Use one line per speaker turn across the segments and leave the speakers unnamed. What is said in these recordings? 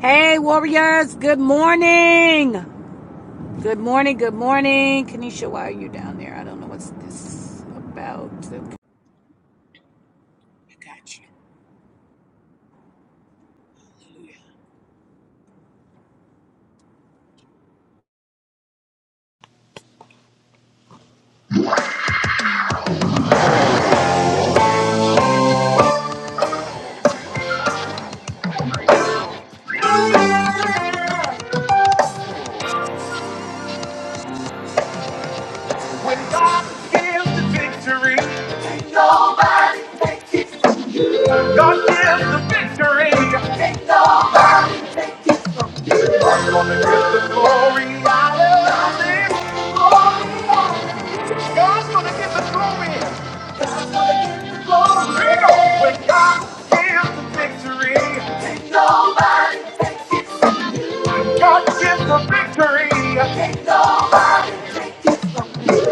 Hey, warriors, good morning. Good morning, good morning. Kanisha, why are you down there? I don't know what's this about. Okay, I got you.
When God gives the victory, God gives the victory. God's gonna give the glory. Hallelujah. God's gonna give the glory. God's gonna give the glory. When God gives the victory, it's over. God gives the victory. It's over.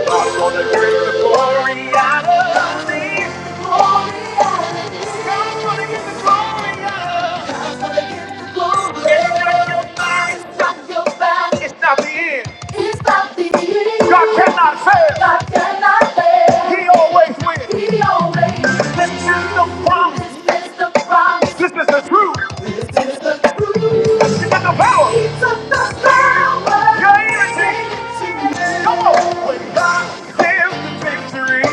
I'm gonna bring the glory out of me. God's gonna get the glory out of me. Yeah, your body. It's not the end. It's not the end. God cannot fail. God cannot fail. He always wins. He always wins. This is the promise. This is the promise. This is the truth. It's the power. It's the power. Your energy. Come on. When God gives the victory,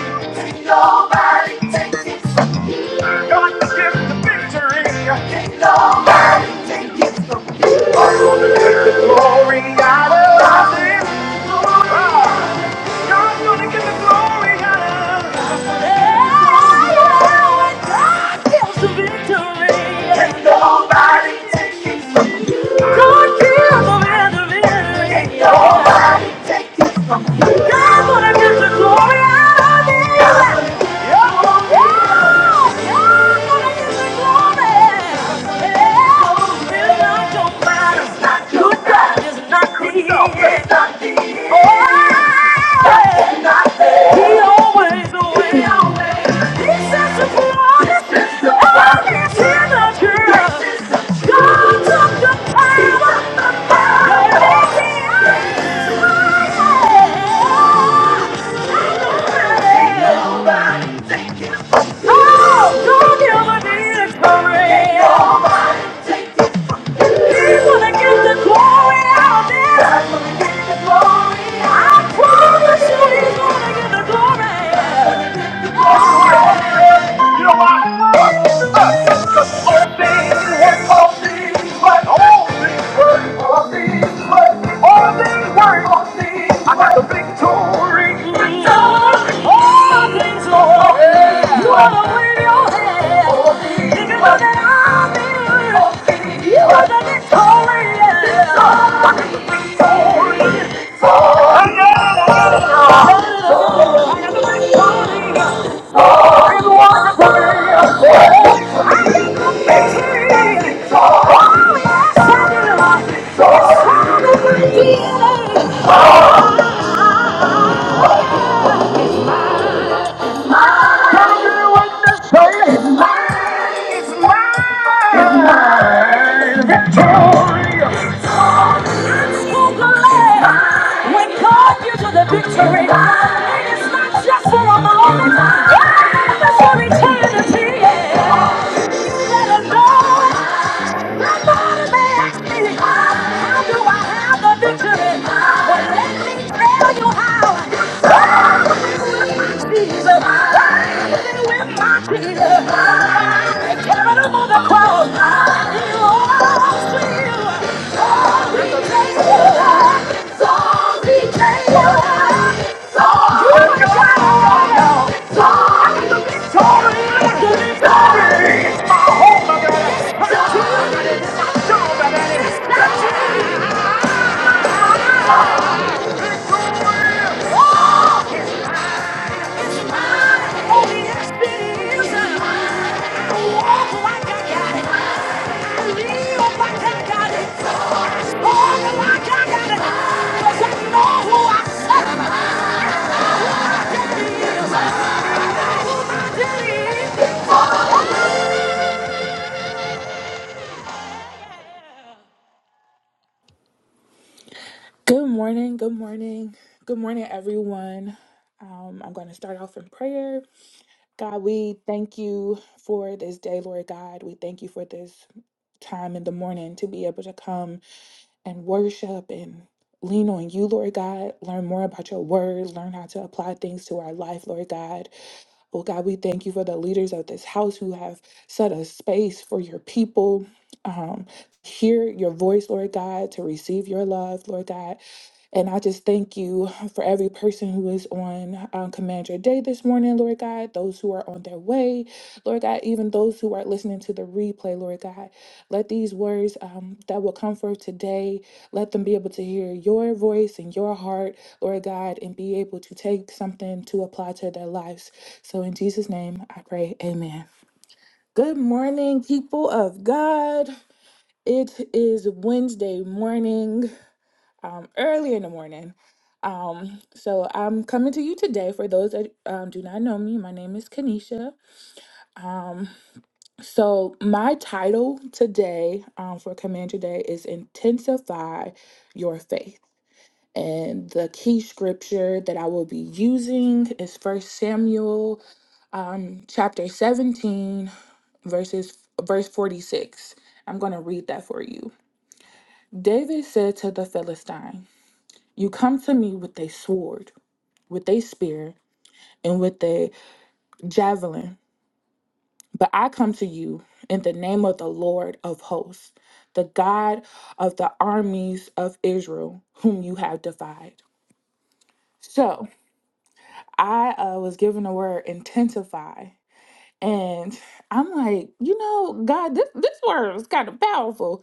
nobody takes it from you. God gives the victory. Take nobody takes it from you. The glory out of him. Ah, God's gonna get the glory out of him. Take nobody takes it from you. God gives the victory. Take nobody Glory, I promise you he's gonna get the glory. You know why? Because all things work, all things work, all things work, all things work, all things work, all things work. I got the victory. All things work. Yeah. You are the winner. All things work. I'm in. All things work. You are the victorious. Victory. I got the victory. Victory. Victory! It's not just for a moment, it's for eternity. Let it know. Somebody asked me, how do I have the victory? Well, let me tell you how. I'm Jesus. I'm with my Jesus. I carried him the cross. He lost to you. Oh, he gave you. So he gave you. So you got it. So I'm the victory. I'm the victory. It's my hope.
Good morning, good morning, good morning, everyone. Um, I'm going to start off in prayer. God, we thank you for this day, Lord God. We thank you for this time in the morning to be able to come and worship and lean on you, Lord God. Learn more about your word, learn how to apply things to our life, Lord God. Oh God, we thank you for the leaders of this house who have set a space for your people. Um, hear your voice, Lord God, to receive your love, Lord God. And I just thank you for every person who is on um, Command Your Day this morning, Lord God, those who are on their way, Lord God, even those who are listening to the replay, Lord God. Let these words um, that will come from today, let them be able to hear your voice and your heart, Lord God, and be able to take something to apply to their lives. So in Jesus' name, I pray, amen. Good morning, people of God. It is Wednesday morning, um, early in the morning. Um, so I'm coming to you today. For those that um, do not know me, my name is Kanisha. Um, so my title today um, for Command Your Day is Intensify Your Faith. And the key scripture that I will be using is First Samuel um, chapter 17 verses verse 46 i'm going to read that for you david said to the philistine you come to me with a sword with a spear and with a javelin but i come to you in the name of the lord of hosts the god of the armies of israel whom you have defied so i uh, was given the word intensify and i'm like you know god this, this word is kind of powerful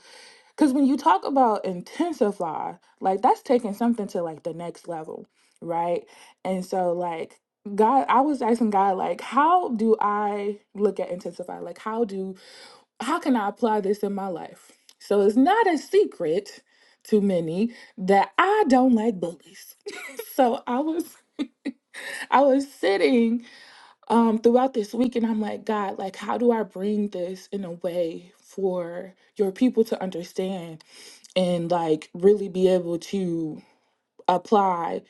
Because when you talk about intensify, like that's taking something to like the next level, right? And so, like, God, I was asking God, like, how do I look at intensify? Like, how do, how can I apply this in my life? So it's not a secret to many that I don't like bullies. so I was, I was sitting um throughout this week and I'm like, God, like, how do I bring this in a way for your people to understand? and like really be able to apply,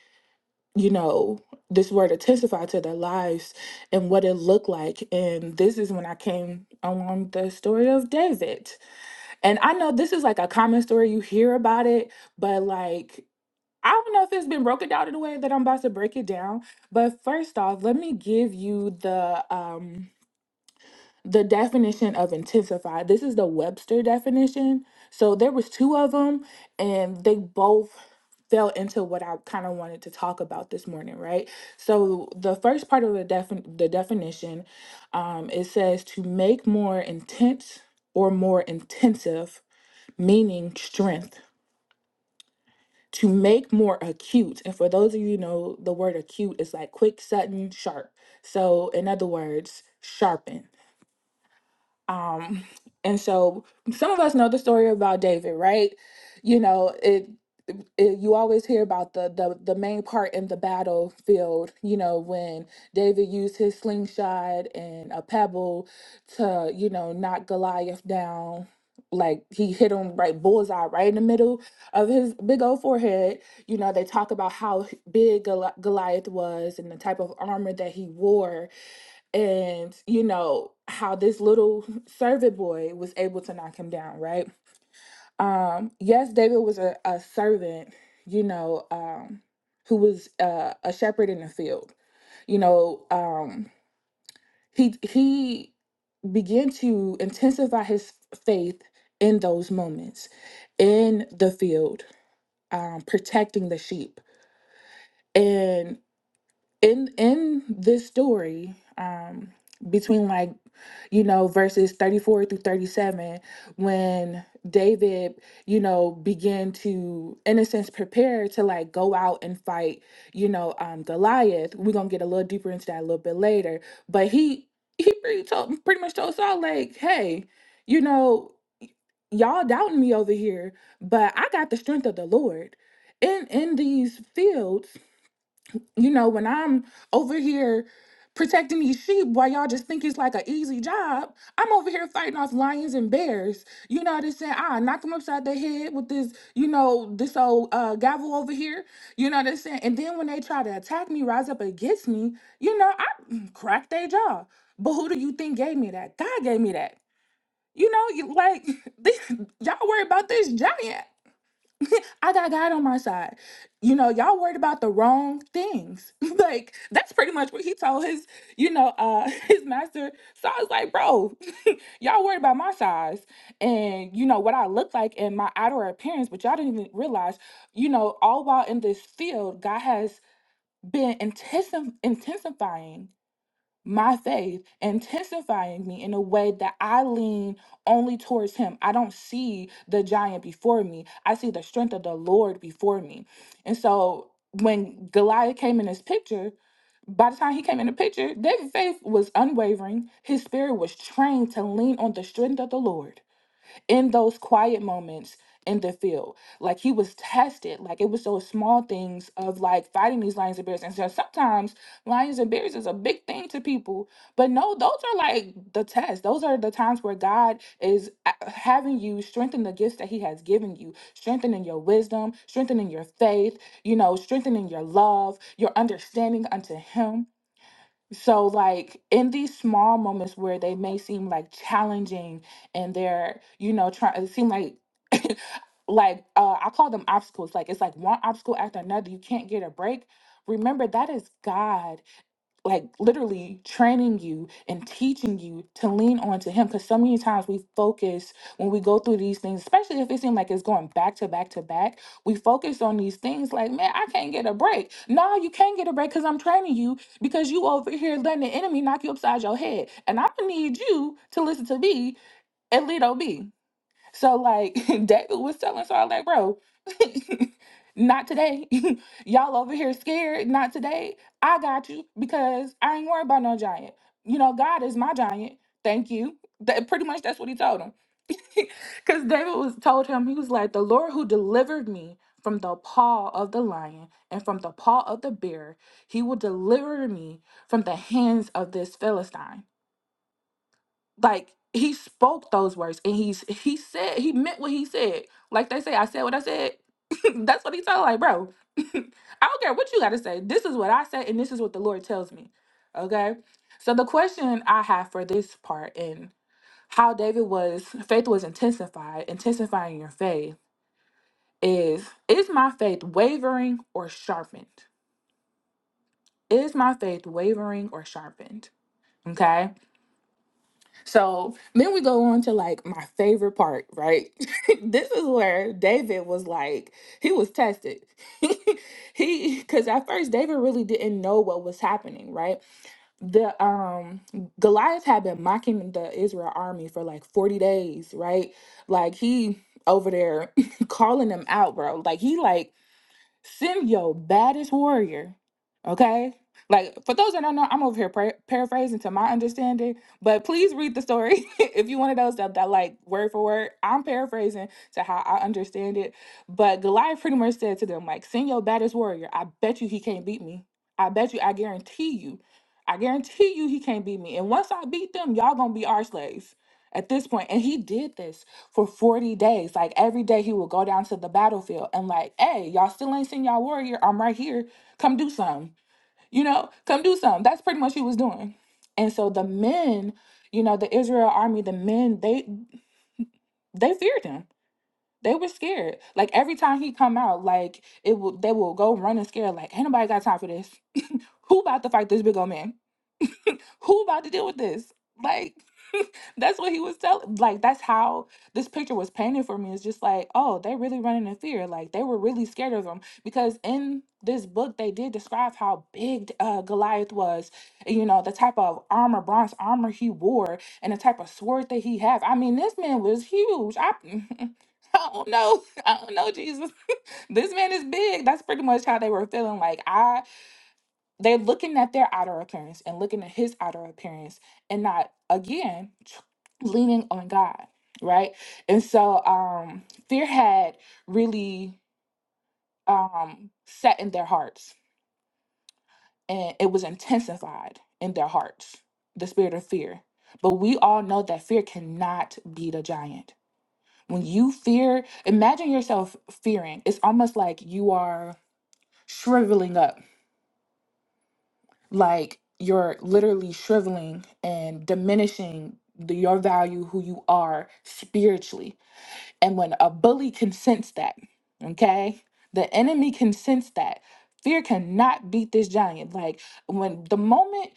you know, this word to testify to their lives and what it looked like. And this is when I came along the story of David. And I know this is like a common story, you hear about it, but like, I don't know if it's been broken down in a way that I'm about to break it down. But first off, let me give you the um the definition of intensify this is the webster definition so there was two of them and they both fell into what i kind of wanted to talk about this morning right so the first part of the, defin- the definition um, it says to make more intense or more intensive meaning strength to make more acute and for those of you who know the word acute is like quick sudden sharp so in other words sharpen Um, and so some of us know the story about David, right? You know, it, it you always hear about the, the the main part in the battlefield, you know, when David used his slingshot and a pebble to, you know, knock Goliath down. Like he hit him right bullseye right in the middle of his big old forehead. You know, they talk about how big Goli- Goliath was and the type of armor that he wore and you know how this little servant boy was able to knock him down right um yes david was a, a servant you know um who was uh, a shepherd in the field you know um he he began to intensify his faith in those moments in the field um protecting the sheep and. in in this story um between like you know verses 34 through 37 when david you know began to in a sense prepare to like go out and fight you know um goliath we're gonna get a little deeper into that a little bit later but he he pretty told pretty much told saul like hey you know y- y'all doubting me over here but i got the strength of the lord in in these fields you know, when I'm over here protecting these sheep while y'all just think it's like an easy job, I'm over here fighting off lions and bears. You know what I'm saying? I knock them upside their head with this, you know, this old uh, gavel over here. You know what I'm saying? And then when they try to attack me, rise up against me, you know, I mm, crack their jaw. But who do you think gave me that? God gave me that. You know, you, like this, y'all worry about this giant. I got God on my side. You know, y'all worried about the wrong things. like that's pretty much what he told his, you know, uh his master. So I was like, bro, y'all worried about my size and you know what I look like and my outer appearance, but y'all didn't even realize, you know, all while in this field, God has been intensive intensifying my faith, intensifying me in a way that I lean only towards Him. I don't see the giant before me, I see the strength of the Lord before me. And so when Goliath came in this picture, by the time he came in the picture, David's faith was unwavering. His spirit was trained to lean on the strength of the Lord in those quiet moments in the field. Like he was tested. Like it was those small things of like fighting these lions and bears. And so sometimes lions and bears is a big thing to people. But no, those are like the tests. Those are the times where God is a- having you strengthen the gifts that he has given you, strengthening your wisdom, strengthening your faith, you know, strengthening your love, your understanding unto him so, like in these small moments where they may seem like challenging and they're, you know, trying, it seem like, like, uh, I call them obstacles. Like, it's like one obstacle after another. You can't get a break. Remember, that is God like literally training you and teaching you to lean on to him because so many times we focus when we go through these things especially if it seems like it's going back to back to back we focus on these things like man i can't get a break no you can't get a break because i'm training you because you over here letting the enemy knock you upside your head and i'm gonna need you to listen to me and lead ob so like David was telling Saul, like, bro, not today. Y'all over here scared. Not today. I got you because I ain't worried about no giant. You know, God is my giant. Thank you. That, pretty much that's what he told him. Because David was told him, he was like, the Lord who delivered me from the paw of the lion and from the paw of the bear, he will deliver me from the hands of this Philistine like he spoke those words and he's he said he meant what he said like they say i said what i said that's what he told like bro i don't care what you got to say this is what i said and this is what the lord tells me okay so the question i have for this part and how david was faith was intensified intensifying your faith is is my faith wavering or sharpened is my faith wavering or sharpened okay So then we go on to like my favorite part, right? this is where David was like, he was tested. he because at first David really didn't know what was happening, right? The um Goliath had been mocking the Israel army for like 40 days, right? Like he over there calling them out, bro. Like he like Send your baddest warrior, okay? Like for those that don't know, I'm over here par- paraphrasing to my understanding, but please read the story if you one of those that, that like word for word. I'm paraphrasing to how I understand it, but Goliath pretty much said to them like, "Send your baddest warrior. I bet you he can't beat me. I bet you. I guarantee you. I guarantee you he can't beat me. And once I beat them, y'all gonna be our slaves." At this point, point. and he did this for 40 days. Like every day he would go down to the battlefield and like, hey, y'all still ain't seen y'all warrior. I'm right here. Come do something. You know, come do something. That's pretty much what he was doing. And so the men, you know, the Israel army, the men, they they feared him. They were scared. Like every time he come out, like it will they will go run and scare, like, ain't nobody got time for this. Who about to fight this big old man? who about to deal with this? Like, that's what he was telling. Like, that's how this picture was painted for me. It's just like, oh, they really running in fear. Like, they were really scared of them because in this book they did describe how big uh, Goliath was. You know, the type of armor, bronze armor he wore, and the type of sword that he had. I mean, this man was huge. I. I don't know. I don't know, Jesus. This man is big. That's pretty much how they were feeling. Like, I they're looking at their outer appearance and looking at his outer appearance and not, again, tr- leaning on God, right? And so um, fear had really um, set in their hearts and it was intensified in their hearts, the spirit of fear. But we all know that fear cannot beat a giant. When you fear, imagine yourself fearing. It's almost like you are shriveling up like you're literally shriveling and diminishing the, your value who you are spiritually and when a bully can sense that, okay, the enemy can sense that. Fear cannot beat this giant. Like when the moment,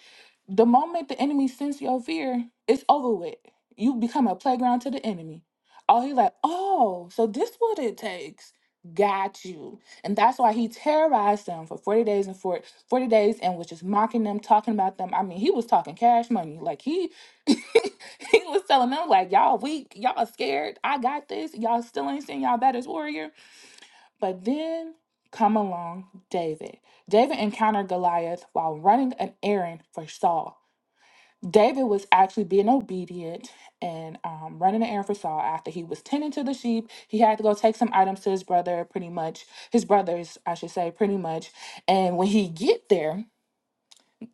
the moment the enemy sense your fear, it's over with. You become a playground to the enemy. Oh, he's like, oh, so this what it takes. Got you. And that's why he terrorized them for 40 days and 40, 40 days and was just mocking them, talking about them. I mean, he was talking cash money. Like he he was telling them like y'all weak y'all scared i got this y'all still ain't seen y'all baddest warrior but then come along david david encountered goliath while running an errand for saul david was actually being obedient and um, running an errand for saul after he was tending to the sheep he had to go take some items to his brother pretty much his brothers i should say pretty much and when he get there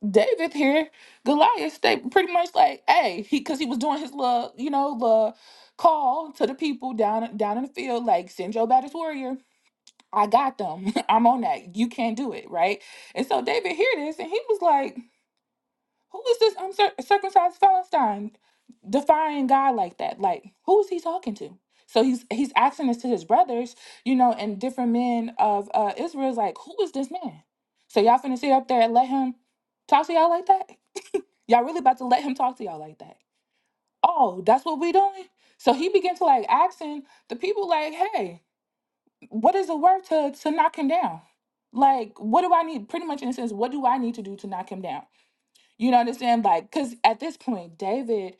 David here, Goliath stayed pretty much like, hey, he because he was doing his little, you know, little call to the people down down in the field, like send your baddest warrior. I got them. I'm on that. You can't do it, right? And so David hear this, and he was like, "Who is this uncircumcised Philistine defying God like that? Like, who is he talking to?" So he's he's asking this to his brothers, you know, and different men of uh, Israel is like, "Who is this man?" So y'all finna sit up there and let him talk to y'all like that? Y'all really about to let him talk to y'all like that? Oh, that's what we doing? So he began to like asking the people like, hey, what is it worth to to knock him down? Like, what do I need? Pretty much in a sense, what do I need to do to knock him down? You know what I'm saying? Like, cause at this point, David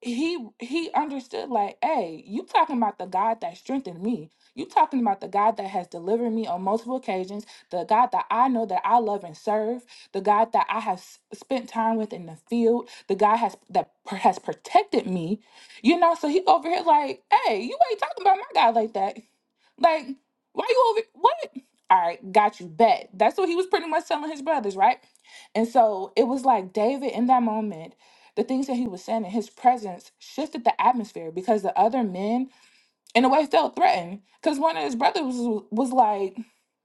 he he understood like hey you talking about the god that strengthened me you talking about the god that has delivered me on multiple occasions the god that i know that i love and serve the god that i have s- spent time with in the field the god has that pr- has protected me you know so he over here like hey you ain't talking about my god like that like, why you over what? All right, got you bet. That's what he was pretty much telling his brothers, right? And so it was like David in that moment, the things that he was saying in his presence shifted the atmosphere because the other men and the wife felt threatened because one of his brothers was, was like,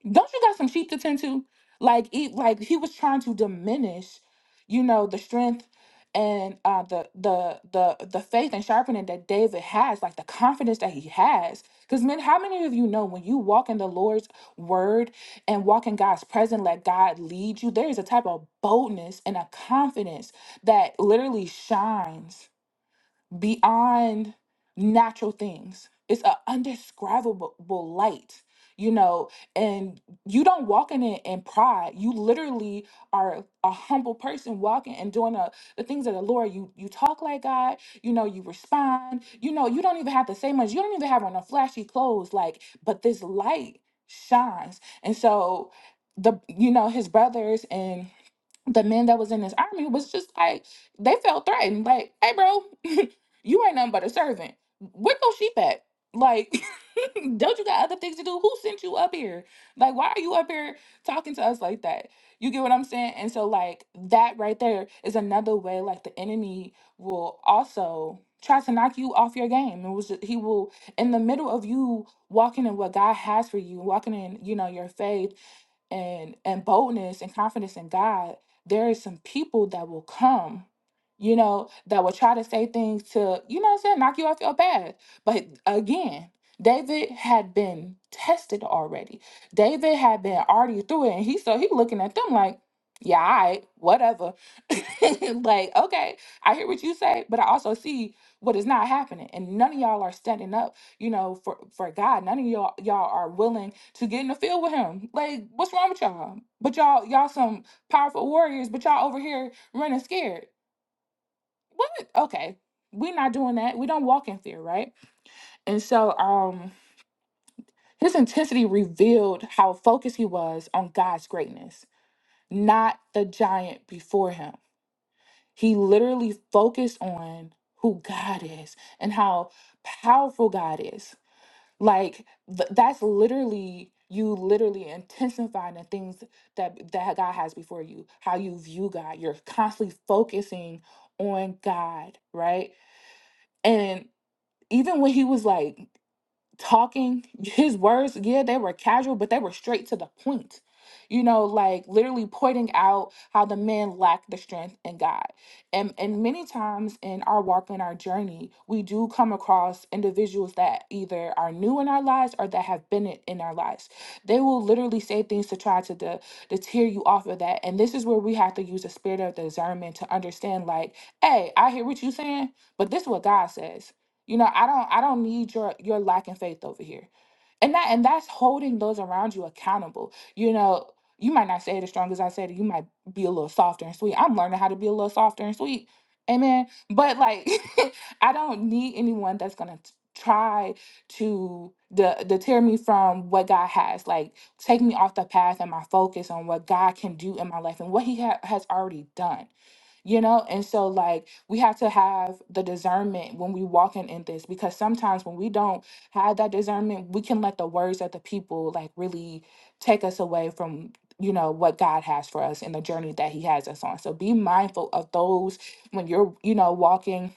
"Don't you got some sheep to tend to?" Like, he, like he was trying to diminish, you know, the strength and uh, the the the the faith and sharpening that David has, like the confidence that he has. Because men, how many of you know when you walk in the Lord's word and walk in God's presence, let God lead you? There is a type of boldness and a confidence that literally shines beyond natural things. It's an undescribable light, you know, and you don't walk in it in pride. You literally are a humble person walking and doing a, the things of the Lord. You you talk like God, you know, you respond, you know, you don't even have to say much. You don't even have on a flashy clothes, like, but this light shines. And so the you know, his brothers and the men that was in this army was just like they felt threatened. Like, hey, bro, you ain't nothing but a servant. Where your sheep at? Like, don't you got other things to do? Who sent you up here? Like, why are you up here talking to us like that? You get what I'm saying? And so, like, that right there is another way. Like, the enemy will also try to knock you off your game. It was just, he will in the middle of you walking in what God has for you, walking in you know your faith and and boldness and confidence in God, there is some people that will come, you know, that will try to say things to, you know what I'm saying, knock you off your path. But again, David had been tested already. David had been already through it. And he so he looking at them like, yeah, all right, whatever. like, okay, I hear what you say, but I also see what is not happening. And none of y'all are standing up you know, for for God. None of y'all y'all are willing to get in the field with him. Like, what's wrong with y'all? But y'all y'all some powerful warriors, but y'all over here running scared. What? Okay, we're not doing that. We don't walk in fear, right? And so, um, his intensity revealed how focused he was on God's greatness, not the giant before him. He literally focused on who God is and how powerful God is Like th- that's literally you literally intensifying the things that that God has before you, how you view God. You're constantly focusing on God, right? And even when he was like talking his words yeah they were casual but they were straight to the point you know like literally pointing out how the men lack the strength in god and and many times in our walk and our journey we do come across individuals that either are new in our lives or that have been it in our lives they will literally say things to try to de- to tear you off of that and this is where we have to use the spirit of discernment to understand like hey i hear what you're saying but this is what god says you know, I don't I don't need your your lack in faith over here. And that and that's holding those around you accountable. You know, you might not say it as strong as I said it. You might be a little softer and sweet. I'm learning how to be a little softer and sweet. Amen. But like I don't need anyone that's gonna t- try to de- deter me from what God has. Like take me off the path and my focus on what God can do in my life and what He ha- has already done you know and so like we have to have the discernment when we walking in this because sometimes when we don't have that discernment we can let the words of the people like really take us away from you know what god has for us and the journey that he has us on so be mindful of those when you're you know walking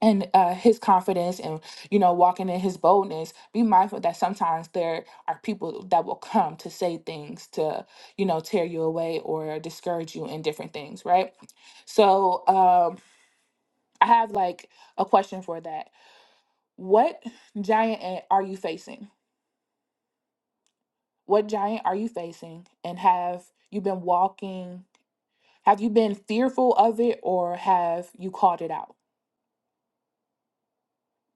and uh, his confidence and you know walking in his boldness be mindful that sometimes there are people that will come to say things to you know tear you away or discourage you in different things right so um i have like a question for that what giant a- are you facing what giant are you facing and have you been walking have you been fearful of it or have you called it out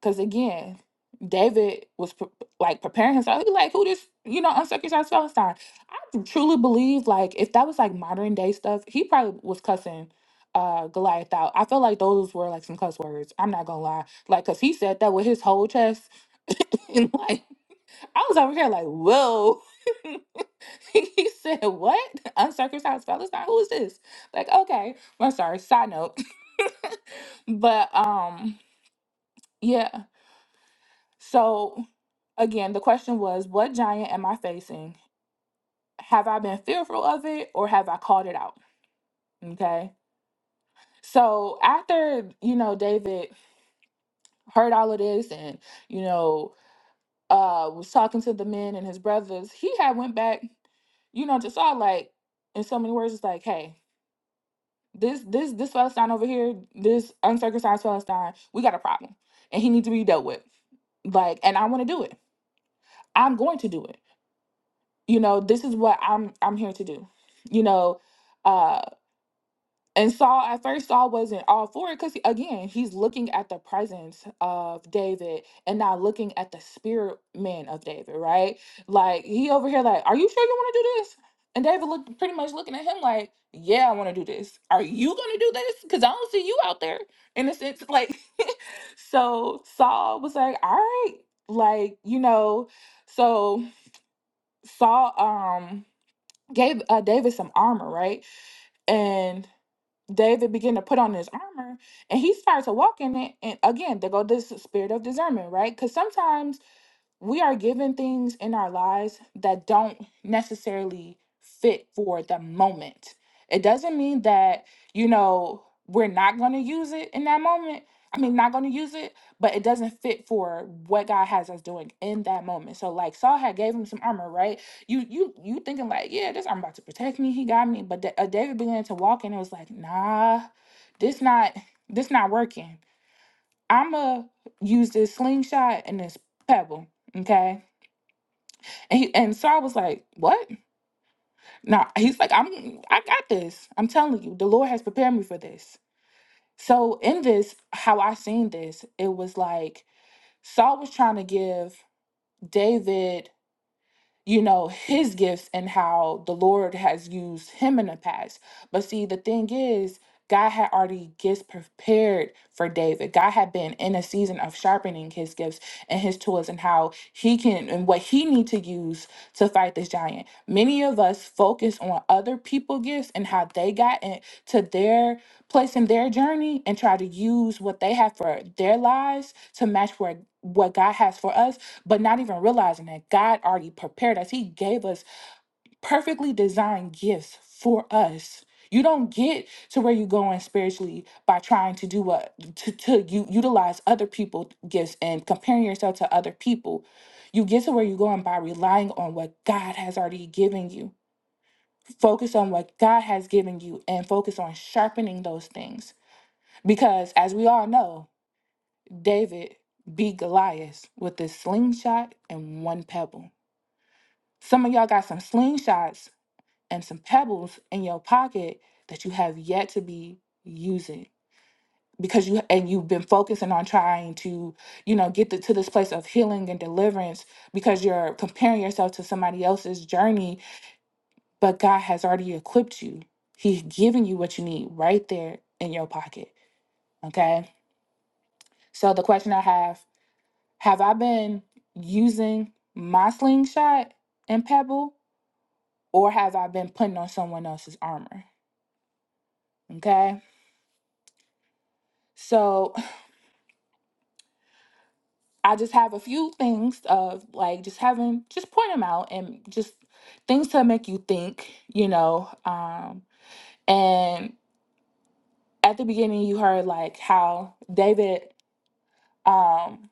Because again, David was pre- like preparing himself. He was like, who this, you know, uncircumcised Philistine? I truly believe, like, if that was like modern day stuff, he probably was cussing uh Goliath out. I feel like those were like some cuss words. I'm not gonna lie. Like, cause he said that with his whole chest. and like, I was over here like, whoa. he said, what? Uncircumcised Philistine? Who is this? Like, okay. I'm sorry. Side note. but um, yeah. So Again, the question was, what giant am I facing? Have I been fearful of it or have I called it out? Okay. So after, you know, David heard all of this and, you know, uh was talking to the men and his brothers, he had went back, you know, to Saul like in so many words, it's like, hey, this this this Philistine over here, this uncircumcised Philistine, we got a problem. And he needs to be dealt with. Like, and I want to do it. I'm going to do it. you know this is what i'm i'm here to do you know uh and saul at first saul wasn't all for it because again he's looking at the presence of david and not looking at the spirit man of david right like he over here like are you sure you want to do this and david looked pretty much looking at him like yeah i want to do this are you gonna do this because i don't see you out there in a sense like so saul was like all right like you know so saul um gave uh, David some armor, right? And David began to put on his armor and he started to walk in it. And again, there go this spirit of discernment, right? Because sometimes we are given things in our lives that don't necessarily fit for the moment. It doesn't mean that, you know, we're not going to use it in that moment. I mean, not going to use it, but it doesn't fit for what God has us doing in that moment. So, like Saul had gave him some armor, right? You, you, you thinking like, yeah, this armor about to protect me. He got me, but Da- uh, David began to walk, in and it was like, nah, this not, this not working. I'ma use this slingshot and this pebble, okay? And, he, and Saul was like, What? No, he's like, I'm I got this. I'm telling you, the Lord has prepared me for this. So in this, how I seen this, it was like Saul was trying to give David you know, his gifts and how the Lord has used him in the past. But see, the thing is, God had already gifts prepared for David. God had been in a season of sharpening his gifts and his tools and how he can and what he need to use to fight this giant. Many of us focus on other people gifts and how they got into their place in their journey and try to use what they have for their lives to match where what God has for us but not even realizing that God already prepared us. He gave us perfectly designed gifts for us. You don't get to where you're going spiritually by trying to do what to, to you utilize other people's gifts and comparing yourself to other people. You get to where you're going by relying on what God has already given you. Focus on what God has given you and focus on sharpening those things. Because as we all know, David beat Goliath with a slingshot and one pebble. Some of y'all got some slingshots and some pebbles in your pocket that you have yet to be using because you and you've been focusing on trying to, you know, get the, to this place of healing and deliverance because you're comparing yourself to somebody else's journey, but God has already equipped you. He's giving you what you need right there in your pocket, okay? So the question I have, have I been using my slingshot and pebble or have I been putting on someone else's armor? Okay. So I just have a few things of like just having just point them out and just things to make you think, you know. Um and at the beginning you heard like how David um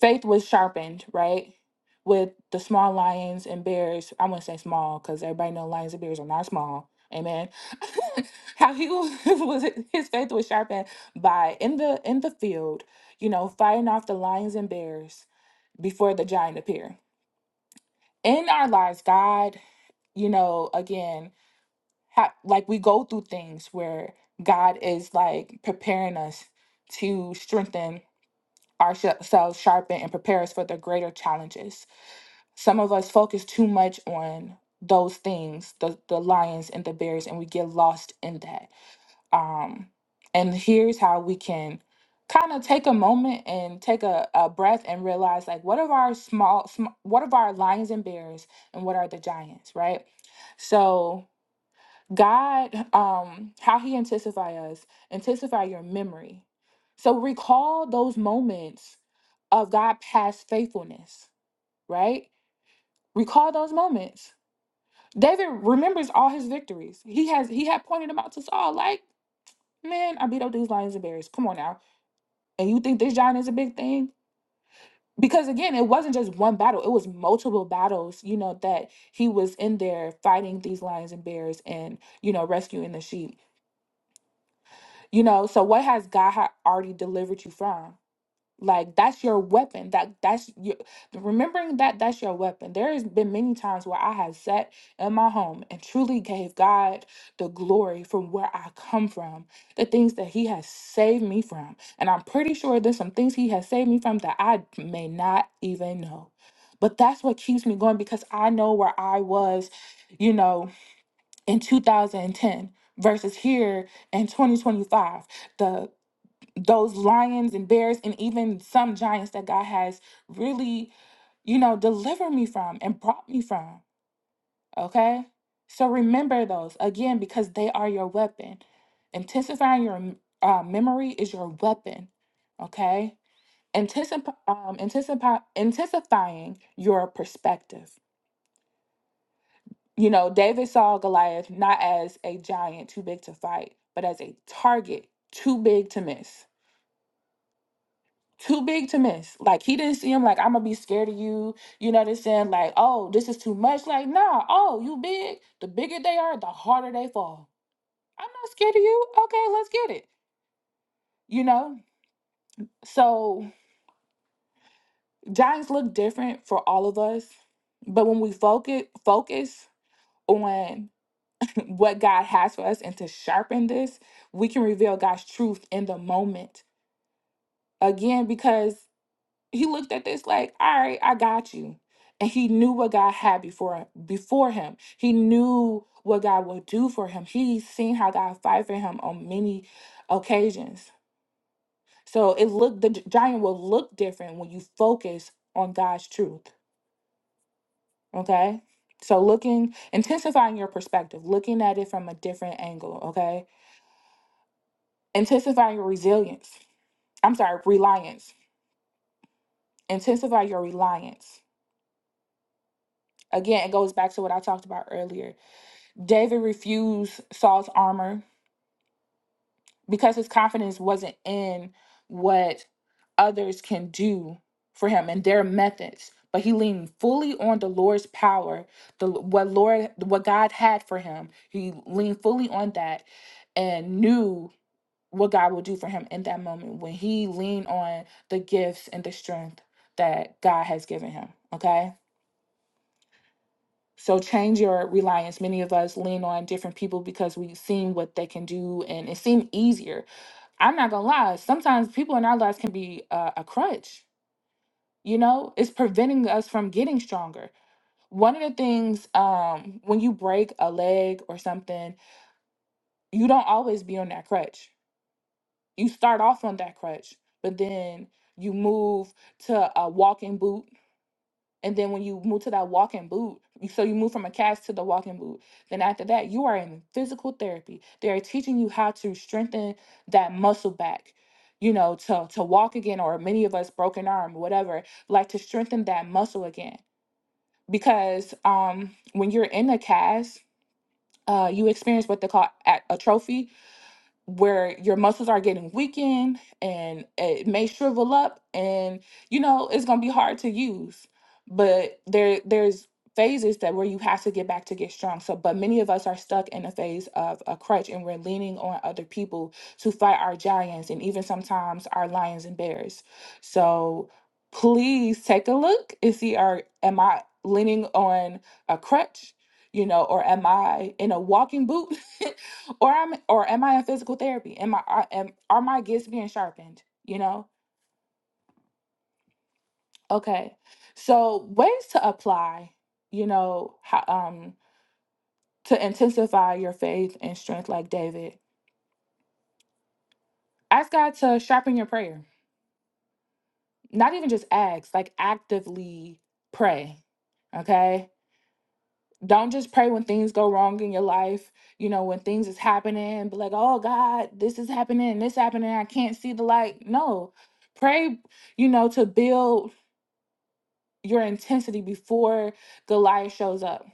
faith was sharpened, right? With the small lions and bears. I wouldn't say small because everybody know lions and bears are not small. Amen. how he was, was his faith was sharpened by in the in the field, you know, fighting off the lions and bears before the giant appear in our lives god you know again ha- like we go through things where god is like preparing us to strengthen ourselves sharpen and prepare us for the greater challenges some of us focus too much on those things the, the lions and the bears and we get lost in that Um, and here's how we can kind of take a moment and take a, a breath and realize like what are our small sm- what are our lions and bears and what are the giants right so god um how he intensify us intensify your memory so recall those moments of god past faithfulness right recall those moments david remembers all his victories he has he had pointed them out to saul like Man, I beat up these lions and bears. Come on now. And you think this giant is a big thing? Because again, it wasn't just one battle, it was multiple battles, you know, that he was in there fighting these lions and bears and, you know, rescuing the sheep. You know, so what has God ha- already delivered you from? like that's your weapon that that's your remembering that that's your weapon there has been many times where i have sat in my home and truly gave god the glory from where i come from the things that he has saved me from and i'm pretty sure there's some things he has saved me from that i may not even know but that's what keeps me going because i know where i was you know in 2010 versus here in 2025 The those lions and bears and even some giants that God has really, you know, delivered me from and brought me from. Okay. So remember those again because they are your weapon. Intensifying your uh, memory is your weapon. Okay. Anticip- um, anticipi- intensifying your perspective. You know, David saw Goliath not as a giant too big to fight, but as a target too big to miss too big to miss. Like he didn't see him like I'm gonna be scared of you. You know what I'm saying? Like, oh, this is too much. Like, nah, oh, you big. The bigger they are, the harder they fall. I'm not scared of you. Okay, let's get it. You know? So giants look different for all of us. But when we focus focus on what God has for us and to sharpen this, we can reveal God's truth in the moment. Again, because He looked at this like, all right, I got you. And he knew what God had before before him. He knew what God would do for him. He's seen how God fight for him on many occasions. So it looked the gi- giant will look different when you focus on God's truth. Okay. So looking, intensifying your perspective, looking at it from a different angle, okay? Intensifying your resilience. I'm sorry, reliance. Intensify your reliance. Again, it goes back to what I talked about earlier David refused Saul's armor because his confidence wasn't in what others can do for him and their methods, but he leaned fully on the Lord's power, the what Lord what God had for him. He leaned fully on that and knew what God will do for him in that moment when he leaned on the gifts and the strength that God has given him. Okay? So change your reliance. Many of us lean on different people because we've seen what they can do and it seemed easier. I'm not gonna lie, sometimes people in our lives can be uh, a crutch, you know, it's preventing us from getting stronger. One of the things um, when you break a leg or something, you don't always be on that crutch. You start off on that crutch, but then you move to a walking boot And then when you move to that walking boot, so you move from a cast to the walking boot. Then after that, you are in physical therapy. They are teaching you how to strengthen that muscle back, you know, to to walk again, or many of us broken arm, whatever, like to strengthen that muscle again. Because um, when you're in a cast, uh, you experience what they call a- atrophy, where your muscles are getting weakened and it may shrivel up and you know it's going to be hard to use but there there's phases that where you have to get back to get strong so but many of us are stuck in a phase of a crutch and we're leaning on other people to fight our giants and even sometimes our lions and bears so please take a look and see are am i leaning on a crutch you know or am i in a walking boot or am or am I in physical therapy? Am I are- am are my gifts being sharpened? You know, okay. So ways to apply, you know, how, um, to intensify your faith and strength, like David. Ask God to sharpen your prayer. Not even just ask, like actively pray. Okay. Don't just pray when things go wrong in your life, you know, when things is happening, be like, oh God, this is happening, this happening, I can't see the light. No. Pray you know, to build your intensity before Goliath shows up.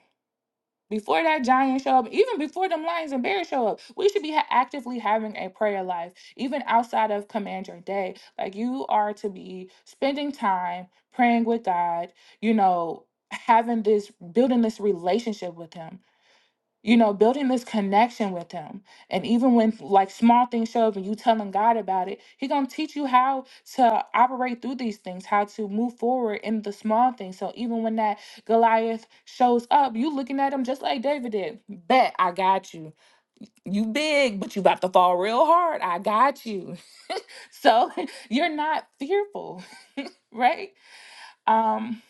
Before that giant show up, even before them lions and bears show up, we should be ha- actively having a prayer life, even outside of command your day. Like you are to be spending time praying with God, you know, having this, building this relationship with Him you know, building this connection with him. And even when like small things show up and you telling God about it, he gonna teach you how to operate through these things, how to move forward in the small things. So even when that Goliath shows up, you looking at him just like David did. Bet I got you you big, but you about to fall real hard. I got you. So you're not fearful, right? Um,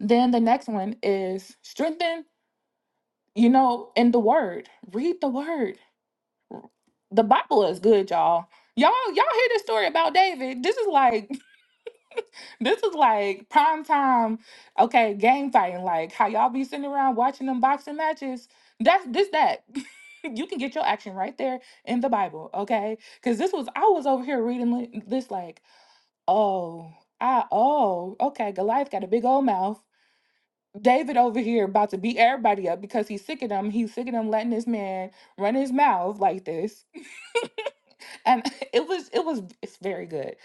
then the next one is strengthen, you know, in the word. Read the word. the Bible is good, y'all. Y'all, y'all hear this story about David. This is like this is like prime time, okay, game fighting. Like how y'all be sitting around watching them boxing matches. That's this that. you can get your action right there in the Bible, okay? Cause this was I was over here reading li- this like, oh, I oh, okay, Goliath got a big old mouth. David over here about to beat everybody up because he's sick of them. He's sick of them letting this man run his mouth like this and it was it was it's very good.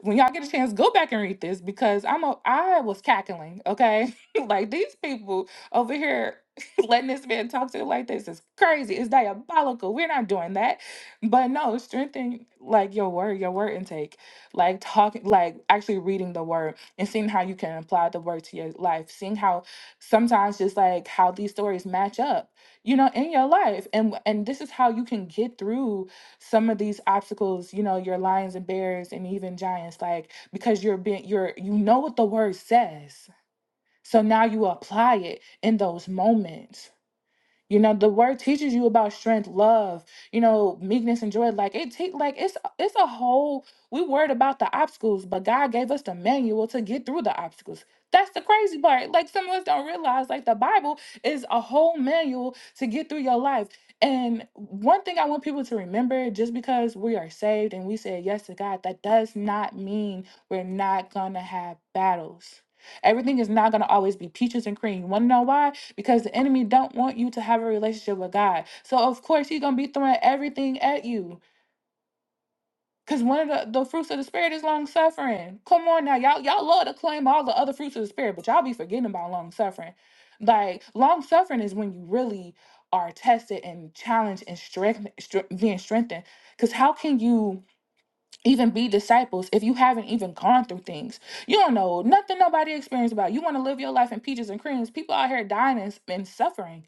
When y'all get a chance, go back and read this because I'm a I was cackling, okay? like these people over here letting this man talk to you like this is crazy. It's diabolical. We're not doing that. But no, strengthen like your word, your word intake, like talking like actually reading the word and seeing how you can apply the word to your life, seeing how sometimes just like how these stories match up, you know, in your life. And and this is how you can get through some of these obstacles you know your lions and bears and even giants like because you're being you're you know what the word says so now you apply it in those moments you know, the word teaches you about strength, love, you know, meekness and joy. Like it take like it's it's a whole we worried about the obstacles, but God gave us the manual to get through the obstacles. That's the crazy part. Like some of us don't realize like the Bible is a whole manual to get through your life. And one thing I want people to remember just because we are saved and we say yes to God, that does not mean we're not gonna have battles Everything is not going to always be peaches and cream. You Want to know why? Because the enemy don't want you to have a relationship with God. So of course he's going to be throwing everything at you. Cause one of the, the fruits of the spirit is long suffering. Come on now, y'all y'all love to claim all the other fruits of the spirit, but y'all be forgetting about long suffering. Like long suffering is when you really are tested and challenged and strength, stre- being strengthened. Cause how can you? even be disciples if you haven't even gone through things. You don't know nothing nobody experienced about. You want to live your life in peaches and creams. People out here dying and, and suffering,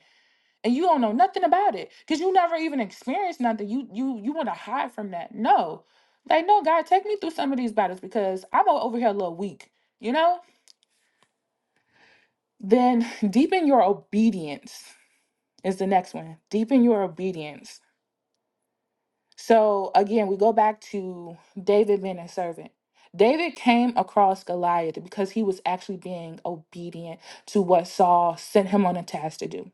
and you don't know nothing about it because you never even experienced nothing. You you you want to hide from that. No, like no, God, take me through some of these battles because I'm o- over here a little weak. You know. Then deepen your obedience is the next one. Deepen your obedience So again, we go back to David being a servant. David came across Goliath because he was actually being obedient to what Saul sent him on a task to do.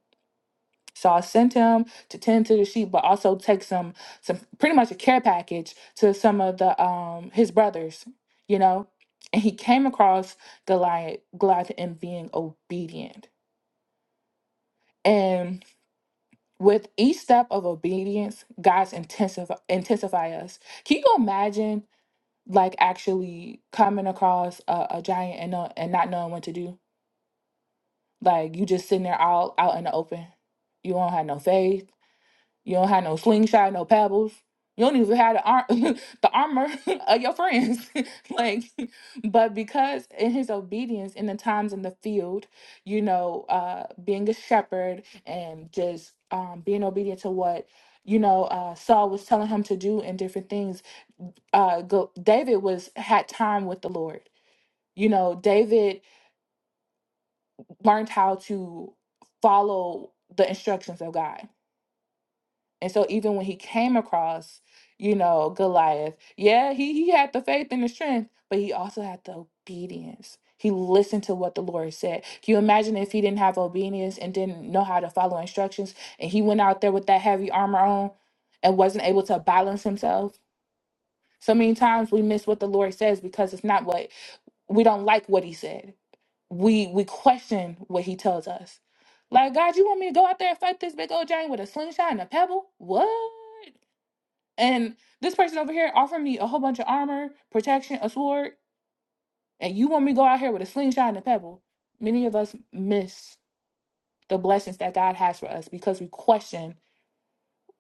Saul sent him to tend to the sheep, but also take some some pretty much a care package to some of the um his brothers, you know. And he came across Goliath Goliath and being obedient. And with each step of obedience, God's intensify intensify us. Can you imagine like actually coming across a, a giant and no, and not knowing what to do. Like you just sitting there all out in the open. You don't have no faith. You don't have no slingshot, no pebbles. You don't even have the arm, the armor of your friends. like, but because in his obedience, in the times in the field, you know, uh, being a shepherd and just um, being obedient to what you know uh, Saul was telling him to do and different things. Uh, go, David was had time with the Lord you know, David learned how to follow the instructions of God. And so even when he came across, you know, Goliath, yeah, he he had the faith and the strength, but he also had the obedience. He listened to what the Lord said. Can you imagine if he didn't have obedience and didn't know how to follow instructions and he went out there with that heavy armor on and wasn't able to balance himself? So many times we miss what the Lord says because it's not what we don't like what he said we we question what he tells us. Like, God, you want me to go out there and fight this big old giant with a slingshot and a pebble? What? And this person over here offering me a whole bunch of armor, protection, a sword, and you want me to go out here with a slingshot and a pebble? Many of us miss the blessings that God has for us because we question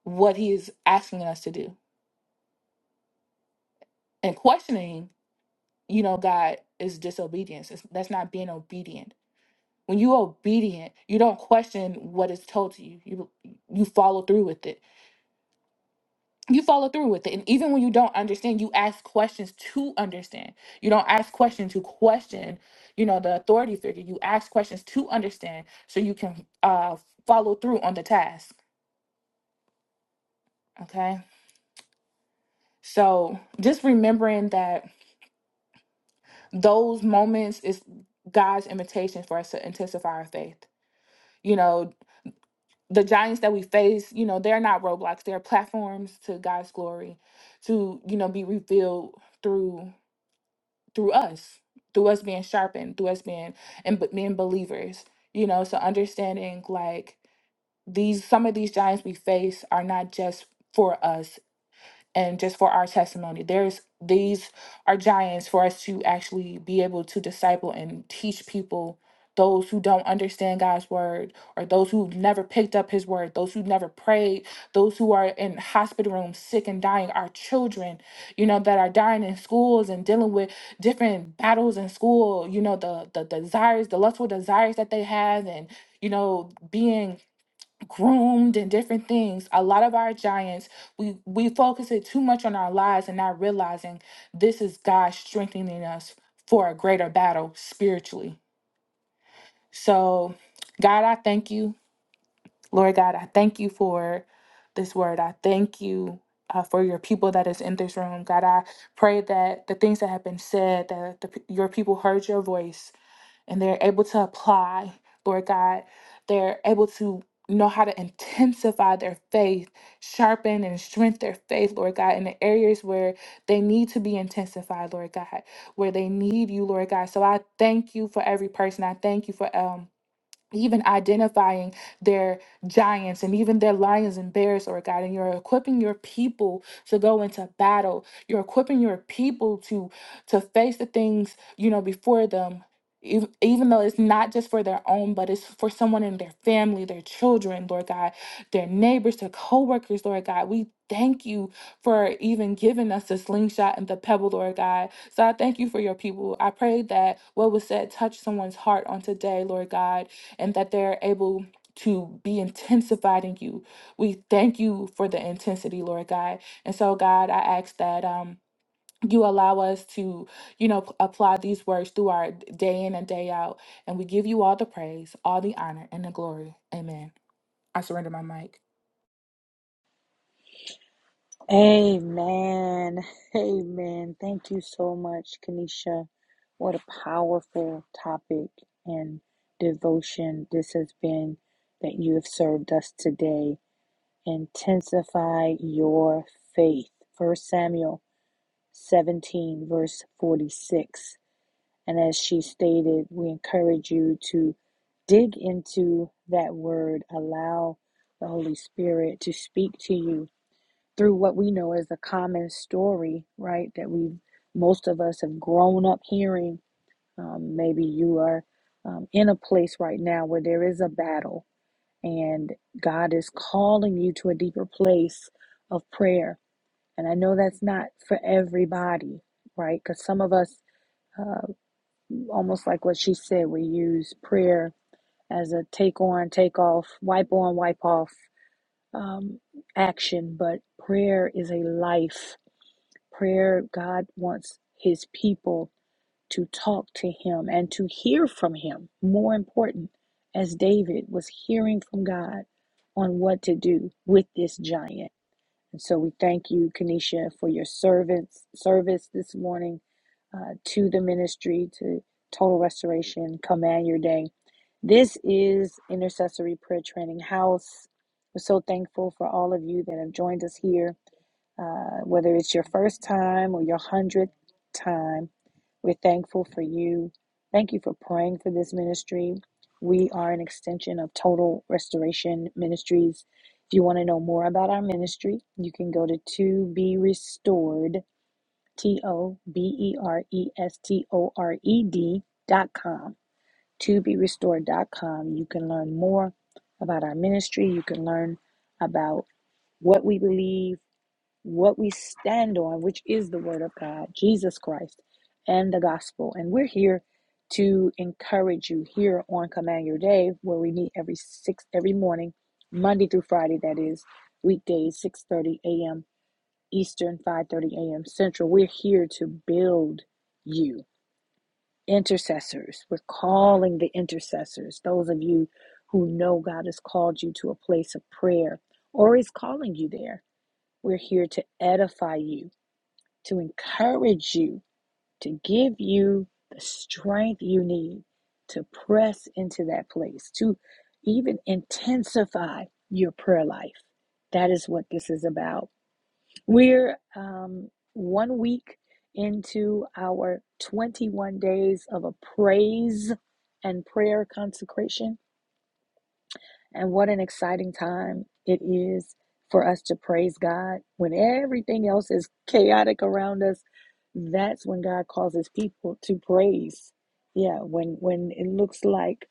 what he is asking us to do. And questioning, you know, God is disobedience. It's, that's not being obedient When you obedient, you don't question what is told to you. You you follow through with it. You follow through with it. And even when you don't understand, you ask questions to understand. You don't ask questions to question, you know, the authority figure. You ask questions to understand so you can uh follow through on the task. Okay. So just remembering that those moments is God's invitation for us to intensify our faith. You know, the giants that we face, you know, they're not roadblocks. They're platforms to God's glory, to you know, be revealed through through us, through us being sharpened, through us being and b- being believers. You know, so understanding like these some of these giants we face are not just for us and just for our testimony there's these are giants for us to actually be able to disciple and teach people those who don't understand God's word or those who never picked up his word those who never prayed those who are in hospital rooms sick and dying our children you know that are dying in schools and dealing with different battles in school you know the the desires the lustful desires that they have and you know being groomed and different things a lot of our giants we we focus it too much on our lives and not realizing this is god strengthening us for a greater battle spiritually so god i thank you lord god i thank you for this word i thank you uh, for your people that is in this room god i pray that the things that have been said that the, your people heard your voice and they're able to apply, Lord God. They're able to know how to intensify their faith, sharpen and strengthen their faith, Lord God, in the areas where they need to be intensified, Lord God, where they need you, Lord God. So I thank you for every person. I thank you for um even identifying their giants and even their lions and bears, Lord God, and you're equipping your people to go into battle. You're equipping your people to to face the things you know before them. ev- Even though it's not just for their own, but it's for someone in their family, their children, Lord God, their neighbors, their coworkers, Lord God, we thank you for even giving us the slingshot and the pebble, Lord God. So I thank you for your people. I pray that what was said touched someone's heart on today, Lord God and that they're able to be intensified in you. We thank you for the intensity, Lord God. And so, God, I ask that um, you allow us to, you know, p- apply these words through our day in and day out. And we give you all the praise, all the honor, and the glory. Amen. I surrender my mic.
Hallelujah. Amen. Amen. Thank you so much, Kanisha. What a powerful topic and devotion this has been that you have served us today. Intensify your faith. First Samuel 17, verse 46. And as she stated, we encourage you to dig into that word, allow the Holy Spirit to speak to you through what we know as a common story, right? That we, most of us, have grown up hearing. Um, maybe you are um, in a place right now where there is a battle, and God is calling you to a deeper place of prayer. And I know that's not for everybody, right? Because some of us. uh, almost like what she said, we use prayer as a take on, take off, wipe on, wipe off um, action. But prayer is a life. Prayer, God wants His people to talk to Him and to hear from Him. More important, as David was hearing from God on what to do with this giant. And so we thank you, Kanisha, for your servants service this morning uh, to the ministry, to Total Restoration, Command Your Day. This is Intercessory Prayer Training House. We're so thankful for all of you that have joined us here uh, whether it's your first time or your hundredth time, we're thankful for you. Thank you for praying for this ministry. We are an extension of Total Restoration Ministries. If you want to know more about our ministry, you can go to To Be Restored, T O B E R E S T O R E D dot com. To Be Restored dot com. You can learn more about our ministry. You can learn about what we believe what we stand on, which is the Word of God, Jesus Christ, and the gospel. And we're here to encourage you here on Command Your Day, where we meet every six every morning, Monday through Friday. That is weekdays, six thirty a.m. Eastern, five thirty a.m. Central. We're here to build you, intercessors. We're calling the intercessors. Those of you who know God has called you to a place of prayer or is calling you there. We're here to edify you to encourage you, to give you the strength you need to press into that place, to even intensify your prayer life. That is what this is about. We're um, one week into our 21 days of a praise and prayer consecration and what an exciting time it is for us to praise God when everything else is chaotic around us. That's when God causes people to praise. Yeah, when when it looks like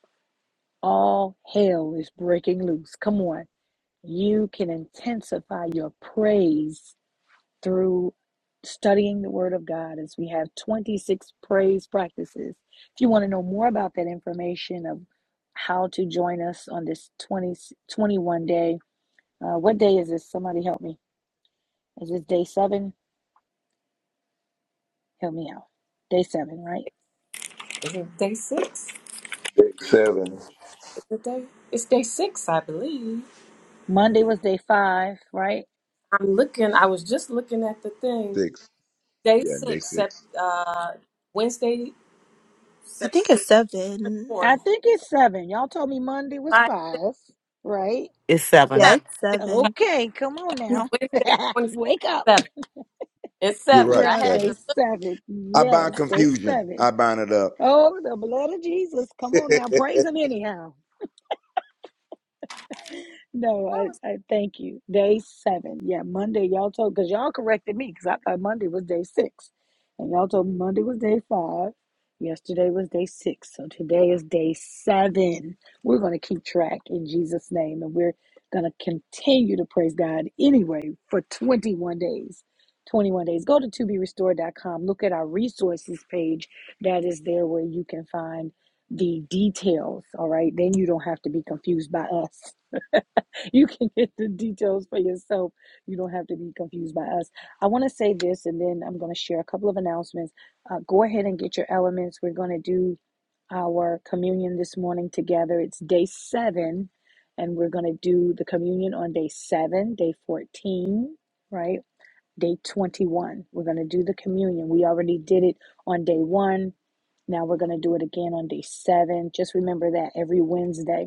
all hell is breaking loose. Come on. You can intensify your praise through studying the Word of God as we have 26 praise practices. If you want to know more about that information of how to join us on this 20 21 day, uh, what day is this? Somebody help me. Is this day seven? Help me out. Day seven, right?
Is it day six? Is it day? It's day six, I believe.
Monday was day five, right?
I'm looking. I was just looking at the thing. Day six, sep, uh, Wednesday,
I
September
think it's seven.
I
fourth,
think it's seven. Y'all told me Monday was
five, six,
five, right?
It's seven.
Yeah,
seven.
it's
It's
seven.
seven.
Okay, come on
Wednesday,
now.
twenty fourth,
Wake up.
seven. It's seven.
We're
I
on
had to
day
look.
seven. Yes, day seven. Oh, the blood of Jesus. Come on now. Praise him anyhow.
That
No,
was-
I, I thank you. Day seven. Yeah, Monday, y'all told, because y'all corrected me, because I thought Monday was day six. And y'all told me Monday was day five. Yesterday was day six. So today is day seven. We're going to keep track in Jesus' name. And we're going to continue to praise God anyway for 21 days. 21 days. Go to to be restored dot com. Look at our resources page. That is there where you can find the details. All right. Then you don't have to be confused by us. you can get the details for yourself. You don't have to be confused by us. I want to say this, and then I'm going to share a couple of announcements. Uh, go ahead and get your elements. We're going to do our communion this morning together. It's day seven, and we're going to do the communion on day seven, day 14, right? Day 21. We're going to do the communion. We already did it on day one. Now we're going to do it again on day seven. Just remember that every Wednesday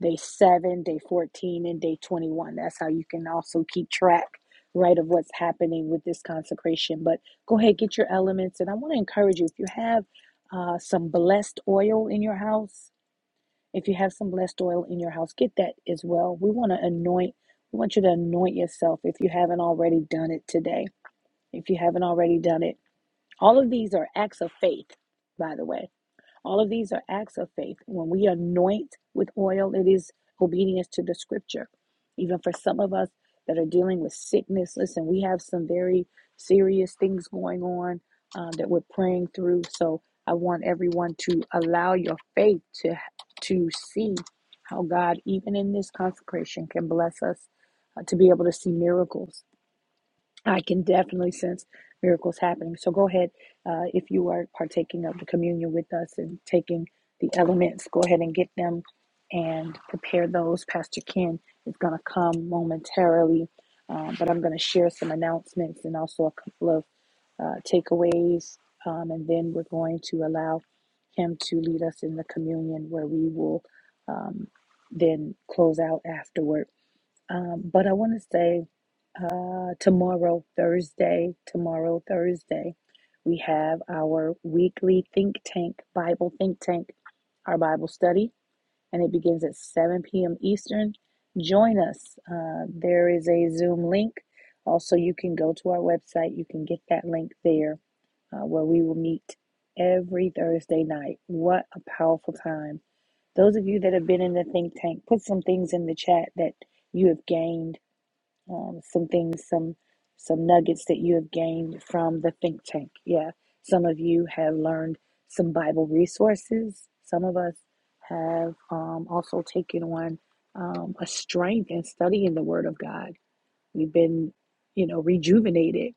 day 7, day 14, and day 21. That's how you can also keep track, right, of what's happening with this consecration. But go ahead, get your elements. And I want to encourage you if you have uh, some blessed oil in your house, if you have some blessed oil in your house, get that as well. We want to anoint, we want you to anoint yourself if you haven't already done it today. If you haven't already done it, all of these are acts of faith, by the way. All of these are acts of faith. When we anoint with oil, it is obedience to the scripture. Even for some of us that are dealing with sickness, listen, we have some very serious things going on um, that we're praying through. So I want everyone to allow your faith to to see how God, even in this consecration, can bless us uh, to be able to see miracles. I can definitely sense miracles happening. So go ahead, uh, if you are partaking of the communion with us and taking the elements, go ahead and get them and prepare those. Pastor Ken is going to come momentarily, um, but I'm going to share some announcements and also a couple of uh, takeaways, um, and then we're going to allow him to lead us in the communion where we will um, then close out afterward. Um, but I want to say uh, tomorrow, Thursday, tomorrow, Thursday, we have our weekly think tank, Bible think tank, our Bible study, and it begins at 7 p.m. Eastern. Join us. Uh, there is a Zoom link. Also, you can go to our website, you can get that link there uh, where we will meet every Thursday night. What a powerful time! Those of you that have been in the think tank, put some things in the chat that you have gained, um, some things, some some nuggets that you have gained from the think tank. Yeah, some of you have learned some Bible resources. Some of us have um, also taken on um, a strength in studying the Word of God. We've been, you know, rejuvenated.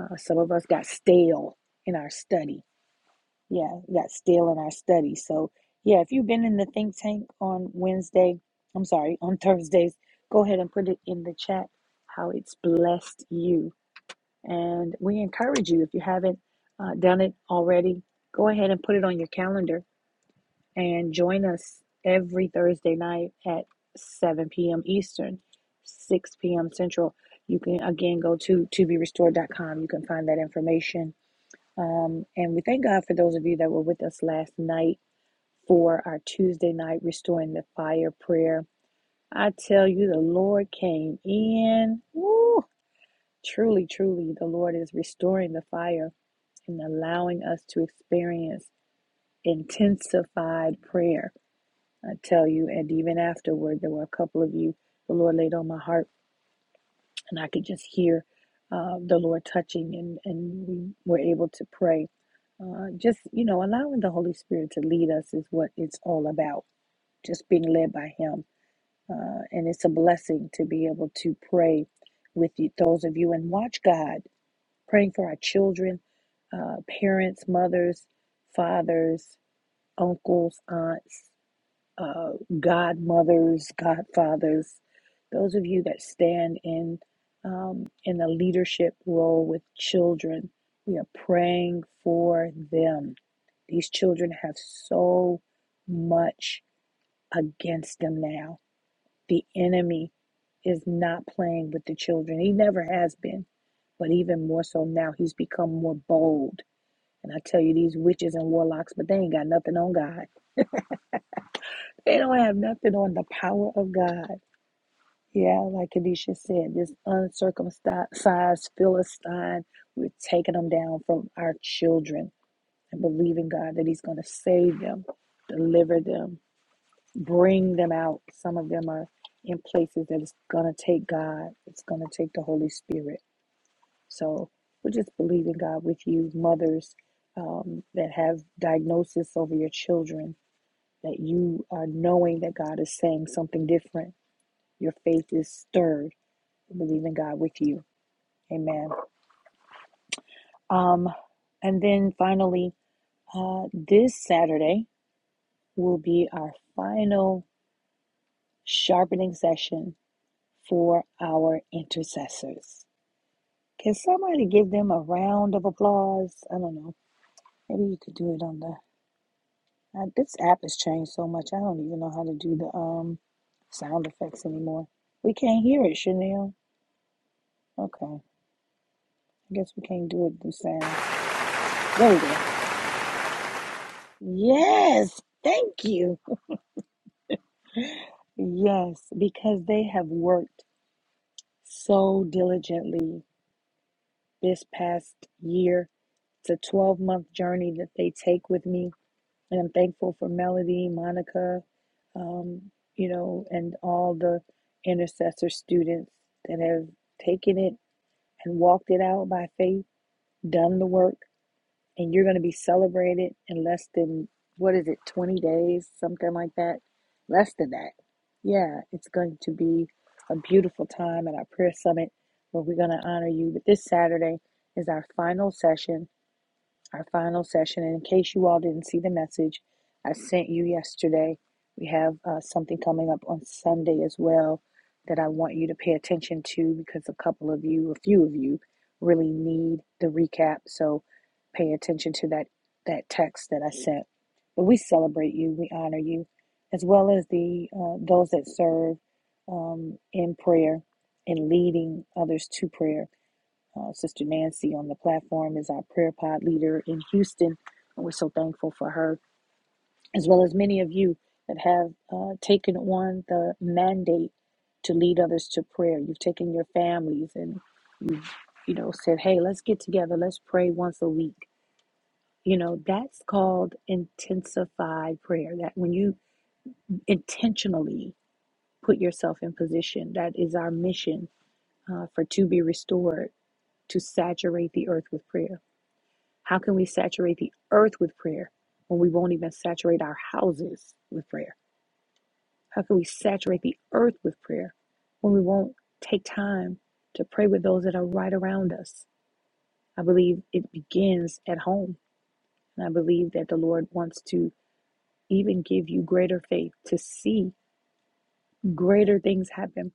Uh, some of us got stale in our study yeah, we got still in our study. So, yeah, if you've been in the think tank on Wednesday, I'm sorry, on Thursdays, go ahead and put it in the chat how it's blessed you. And we encourage you, if you haven't uh, done it already, go ahead and put it on your calendar and join us every Thursday night at 7 p.m. Eastern, 6 p.m. Central. You can again go to to be restored dot com. You can find that information um, and we thank God for those of you that were with us last night for our Tuesday night Restoring the Fire prayer. I tell you, the Lord came in. Woo! Truly, truly, the Lord is restoring the fire and allowing us to experience intensified prayer. I tell you, and even afterward, there were a couple of you the Lord laid on my heart and I could just hear uh, the Lord touching, and and we were able to pray. Uh, just you know, allowing the Holy Spirit to lead us is what it's all about. Just being led by Him, uh, and it's a blessing to be able to pray with you, those of you, and watch God praying for our children, uh, parents, mothers, fathers, uncles, aunts uh, godmothers, godfathers, those of you that stand in um, in the leadership role with children, we are praying for them. These children have so much against them now. The enemy is not playing with the children. He never has been, but even more so now, he's become more bold. And I tell you, these witches and warlocks, but they ain't got nothing on God. They don't have nothing on the power of God. Yeah, like Kadisha said, this uncircumcised Philistine, we're taking them down from our children and believing God that He's going to save them, deliver them, bring them out. Some of them are in places that it's going to take God, it's going to take the Holy Spirit. So we're just believing God with you, mothers um, that have diagnosis over your children, that you are knowing that God is saying something different. Your faith is stirred believe in God with you. Amen. Um, and then finally, uh, this Saturday will be our final sharpening session for our intercessors. Can somebody give them a round of applause? I don't know. Maybe you could do it on the. Uh, this app has changed so much. I don't even know how to do the um sound effects anymore. We can't hear it, Chanel. Okay, I guess we can't do it through sound. There we go. Yes, thank you. Yes, because they have worked so diligently this past year. It's a 12 month journey that they take with me. And I'm thankful for Melody, Monica, um, you know, and all the intercessor students that have taken it and walked it out by faith, done the work. and you're going to be celebrated in less than what is it 20 days something like that less than that yeah it's going to be a beautiful time at our prayer summit where we're going to honor you but this saturday is our final session our final session. And in case you all didn't see the message I sent you yesterday, we have uh, something coming up on Sunday as well that I want you to pay attention to because a couple of you, a few of you, really need the recap. So pay attention to that that text that I sent. But we celebrate you, we honor you, as well as the uh, those that serve um, in prayer and leading others to prayer. Uh, Sister Nancy on the platform is our prayer pod leader in Houston, and we're so thankful for her, as well as many of you that have uh, taken on the mandate to lead others to prayer. You've taken your families and you've, you know, said, hey, let's get together, let's pray once a week. You know, that's called intensified prayer. That when you intentionally put yourself in position, that is our mission uh, for to be restored to saturate the earth with prayer. How can we saturate the earth with prayer when we won't even saturate our houses with prayer? How can we saturate the earth with prayer when we won't take time to pray with those that are right around us? I believe it begins at home. And I believe that the Lord wants to even give you greater faith to see greater things happen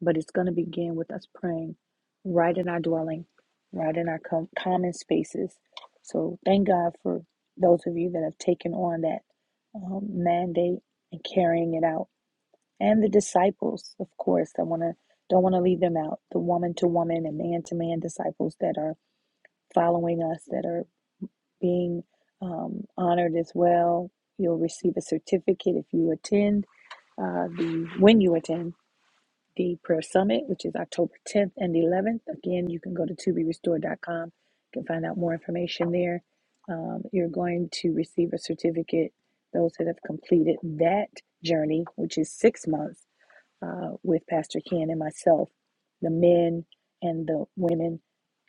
But it's going to begin with us praying right in our dwelling, right in our com- common spaces. So thank God for those of you that have taken on that um, mandate and carrying it out. And the disciples, of course, I want to don't want to leave them out. The woman to woman and man to man disciples that are following us, that are being um, honored as well. You'll receive a certificate if you attend uh, the when you attend the prayer summit, which is October 10th and 11th. Again, you can go to to be restored dot com. You can find out more information there. Um, you're going to receive a certificate. Those that have completed that journey, which is six months uh, with Pastor Ken and myself, the men and the women.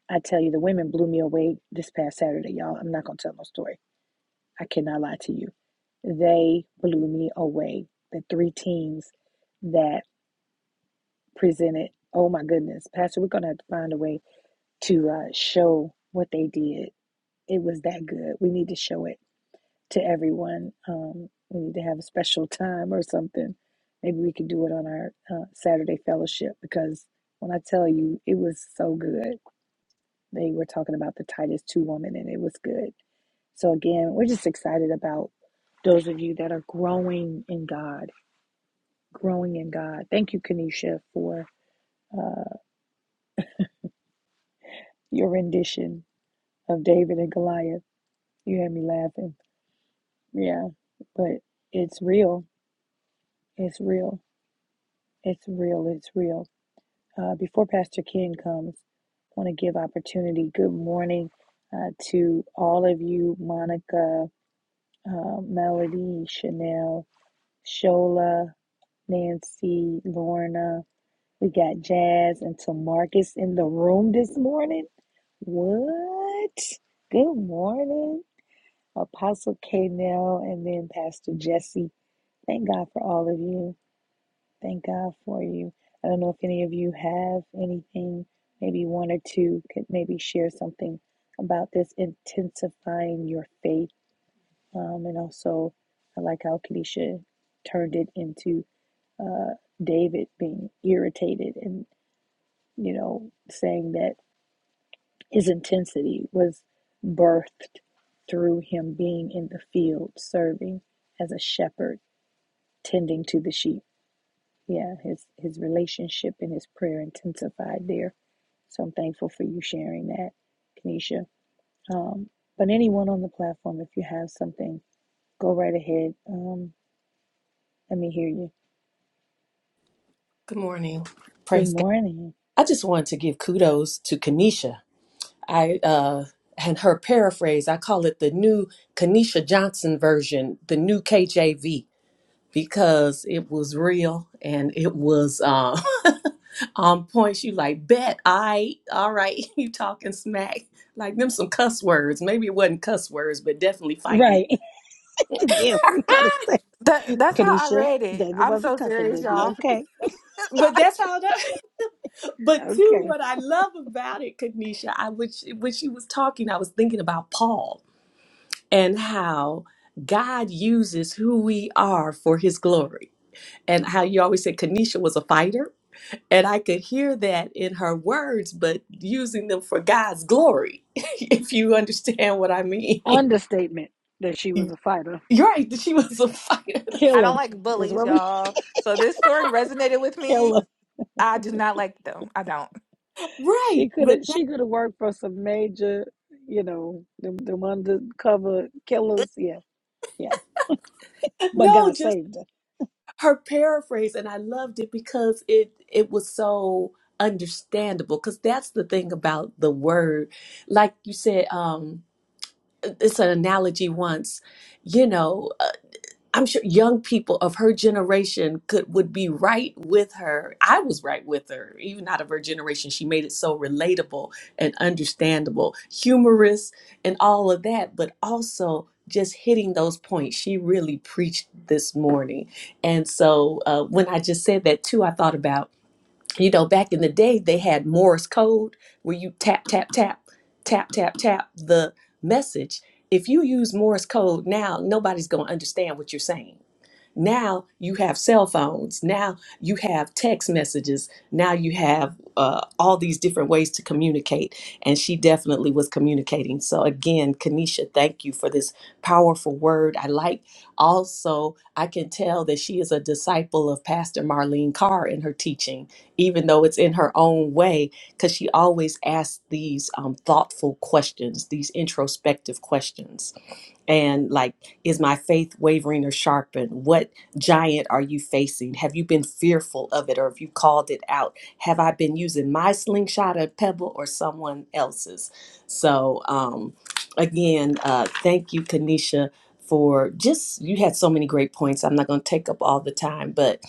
I tell you, the women blew me away this past Saturday, y'all. I'm not going to tell no story. I cannot lie to you. They blew me away. The three teams that presented. Oh my goodness, Pastor, we're going to have to find a way to uh, show what they did. It was that good. We need to show it to everyone. Um, we need to have a special time or something. Maybe we could do it on our uh, Saturday fellowship because when I tell you, it was so good. They were talking about the Titus 2 woman and it was good. So, again, we're just excited about those of you that are growing in God, growing in God. Thank you, Kanisha, for uh, your rendition of David and Goliath. You had me laughing. Yeah, but it's real. It's real. It's real. It's real. Uh, before Pastor Ken comes, I want to give opportunity. Good morning uh, to all of you, Monica, uh, Melody, Chanel, Shola, Nancy, Lorna. We got Jazz and Tamarcus in the room this morning. What? Good morning. Apostle K. Nell, and then Pastor Jesse. Thank God for all of you. Thank God for you. I don't know if any of you have anything, maybe one or two could maybe share something about this intensifying your faith. Um, and also, I like how Kadisha turned it into uh, David being irritated and, you know, saying that his intensity was birthed through him being in the field serving as a shepherd tending to the sheep. Yeah, his his relationship and his prayer intensified there. So I'm thankful for you sharing that, Kenesha. Um, but anyone on the platform, if you have something, go right ahead. Um, let me hear you.
Good morning.
Good
Praise God.
morning.
I just wanted to give kudos to Kanisha. I uh, and her paraphrase. I call it the new Kanisha Johnson version, the new KJV because it was real and it was uh, on points. You like bet, I all right, you talking smack like them some cuss words. Maybe it wasn't cuss words, but definitely fighting.
Right. yeah, we gotta say,
That that's how I
Kenesha,
read it.
David
I'm
was a
so
cousin,
serious,
baby.
y'all.
Okay,
but
I,
that's how. That, but too,
okay.
what I love about it, Kanisha, I which when she was talking, I was thinking about Paul and how God uses who we are for His glory, and how you always said Kanisha was a fighter And I could hear that in her words, but using them for God's glory, if you understand what I mean.
Understatement that she was a fighter,
You're right, that she was a fighter.
I don't
killer
like
is
bullies,
what we
y'all. So this story resonated with me.
killer.
I do not like them. I don't.
She
Right.
could
But
have
not-
she could have worked for some major, you know, the the undercover killers. Yeah, yeah. But
no,
God
just
saved her.
her paraphrase. And I loved it because it it was so understandable. Because that's the thing about the word. Like you said, um, it's an analogy once, you know. I'm sure young people of her generation could would be right with her. I was right with her, even out of her generation. She made it so relatable and understandable, humorous and all of that, but also just hitting those points. She really preached this morning. And so uh, when I just said that too, I thought about, you know, back in the day they had Morse code where you tap, tap, tap, tap, tap, tap the message. If you use Morse code now, nobody's gonna understand what you're saying now you have cell phones. Now you have text messages. Now you have uh, all these different ways to communicate. And she definitely was communicating. So, again, Kanisha, thank you for this powerful word. I like also, I can tell that she is a disciple of Pastor Marlene Carr in her teaching, even though it's in her own way, because she always asks these um, thoughtful questions, these introspective questions and like is my faith wavering or sharpened what giant are you facing have you been fearful of it or have you called it out have i been using my slingshot or pebble or someone else's so um again uh thank you kanisha for just you had so many great points i'm not going to take up all the time but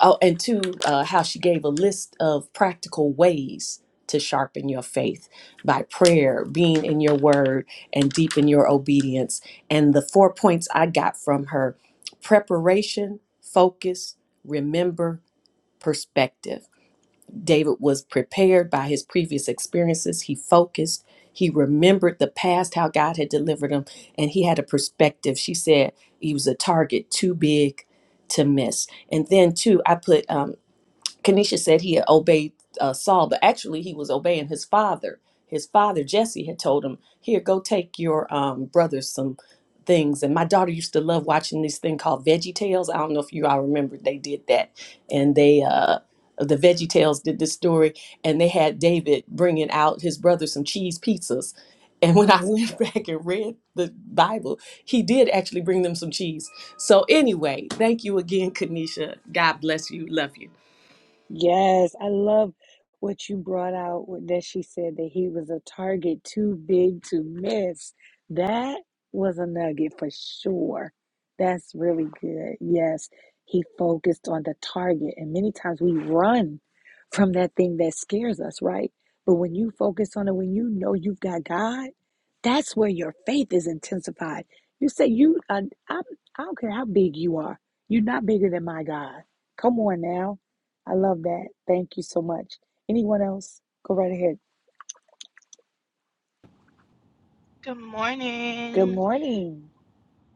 oh and two uh, how she gave a list of practical ways to sharpen your faith by prayer being in your word and deepen your obedience. And the four points I got from her preparation, focus, remember, perspective. David was prepared by his previous experiences. He focused, he remembered the past, how God had delivered him, and he had a perspective. She said he was a target too big to miss. And then, two, I put um, Kenesha said he had obeyed uh, Saul, but actually he was obeying his father. His father Jesse had told him, "Here, go take your um, brother some things." And my daughter used to love watching this thing called Veggie Tales. I don't know if you all remember they did that, and they uh, the Veggie Tales did this story, and they had David bringing out his brother some cheese pizzas. And when I went back and read the Bible, he did actually bring them some cheese. So anyway, thank you again, Kanisha. God bless you. Love you.
Yes, I love what you brought out with- that she said that he was a target too big to miss. That was a nugget for sure. That's really good. Yes, he focused on the target, and many times we run from that thing that scares us, right? But when you focus on it, when you know you've got God, that's where your faith is intensified. You say, "You, uh, I, I don't care how big you are, you're not bigger than my God." Come on now I love that. Thank you so much. Anyone else? Go right ahead.
Good
Good
morning.
morning.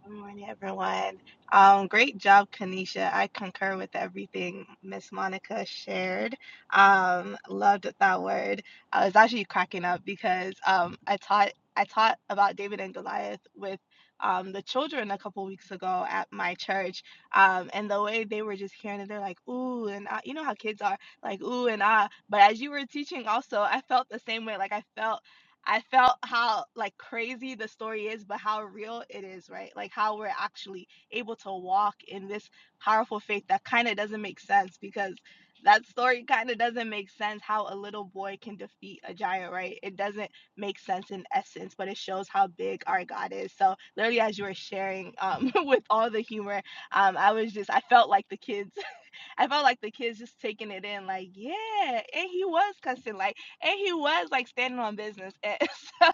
Good morning, everyone. Um, great job, Kanisha. I concur with everything Miss Monica shared. Um, loved that word. I was actually cracking up because um, I taught I taught about David and Goliath with um, the children a couple weeks ago at my church, um, and the way they were just hearing it, they're like, "Ooh," and ah, you know how kids are, like, "Ooh" and ah. But as you were teaching, also, I felt the same way. Like I felt I felt how like crazy the story is, but how real it is, right? Like how we're actually able to walk in this powerful faith that kind of doesn't make sense because that story kind of doesn't make sense how a little boy can defeat a giant, right? It doesn't make sense in essence, but it shows how big our God is. So literally as you were sharing um with all the humor, um I was just I felt like the kids I felt like the kids just taking it in, like, yeah. And he was cussing, like, and he was like standing on business. And so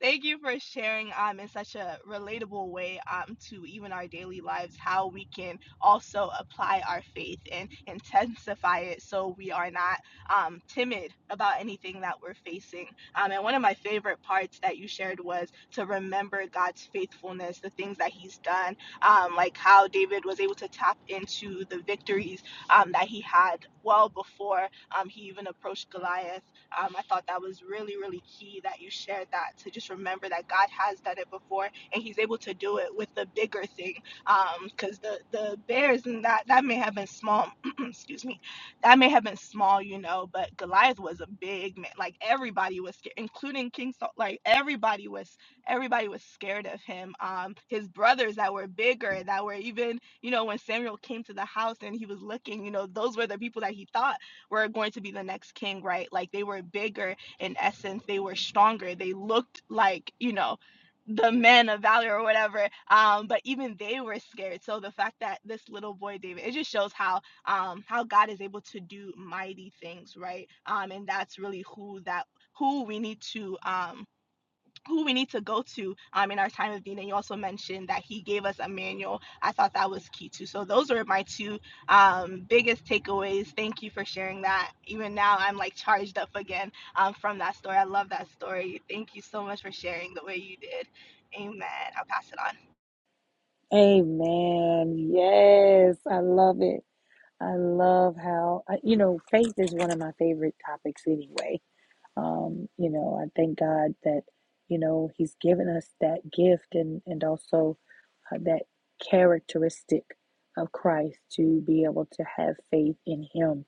thank you for sharing um in such a relatable way um to even our daily lives how we can also apply our faith and intensify it so we are not um timid about anything that we're facing. Um, and one of my favorite parts that you shared was to remember God's faithfulness, the things that He's done, um, like how David was able to tap into the victories um, that he had well before um, he even approached Goliath. Um, I thought that was really, really key that you shared that to just remember that God has done it before and he's able to do it with the bigger thing. Um, Because the, the bears and that, that may have been small, excuse me, that may have been small, you know, but Goliath was a big man. Like everybody was scared, including King Saul. Like everybody was, everybody was scared of him. Um, his brothers that were bigger, that were even you know, when Samuel came to the house and he was looking, you know, those were the people that he thought were going to be the next king, right? Like they were bigger in essence, they were stronger, they looked like, you know, the men of valor or whatever. Um, but even they were scared. So the fact that this little boy David, it just shows how um how God is able to do mighty things, right? Um, and that's really who that who we need to um who we need to go to um, in our time of need. And you also mentioned that he gave us a manual. I thought that was key too. So those were my two um, biggest takeaways. Thank you for sharing that. Even now, I'm like charged up again um, from that story. I love that story. Thank you so much for sharing the way you did. Amen. I'll pass it on.
Amen. Yes, I love it. I love how, I- you know, faith is one of my favorite topics anyway. Um, you know, I thank God that, you know, He's given us that gift and, and also uh, that characteristic of Christ to be able to have faith in Him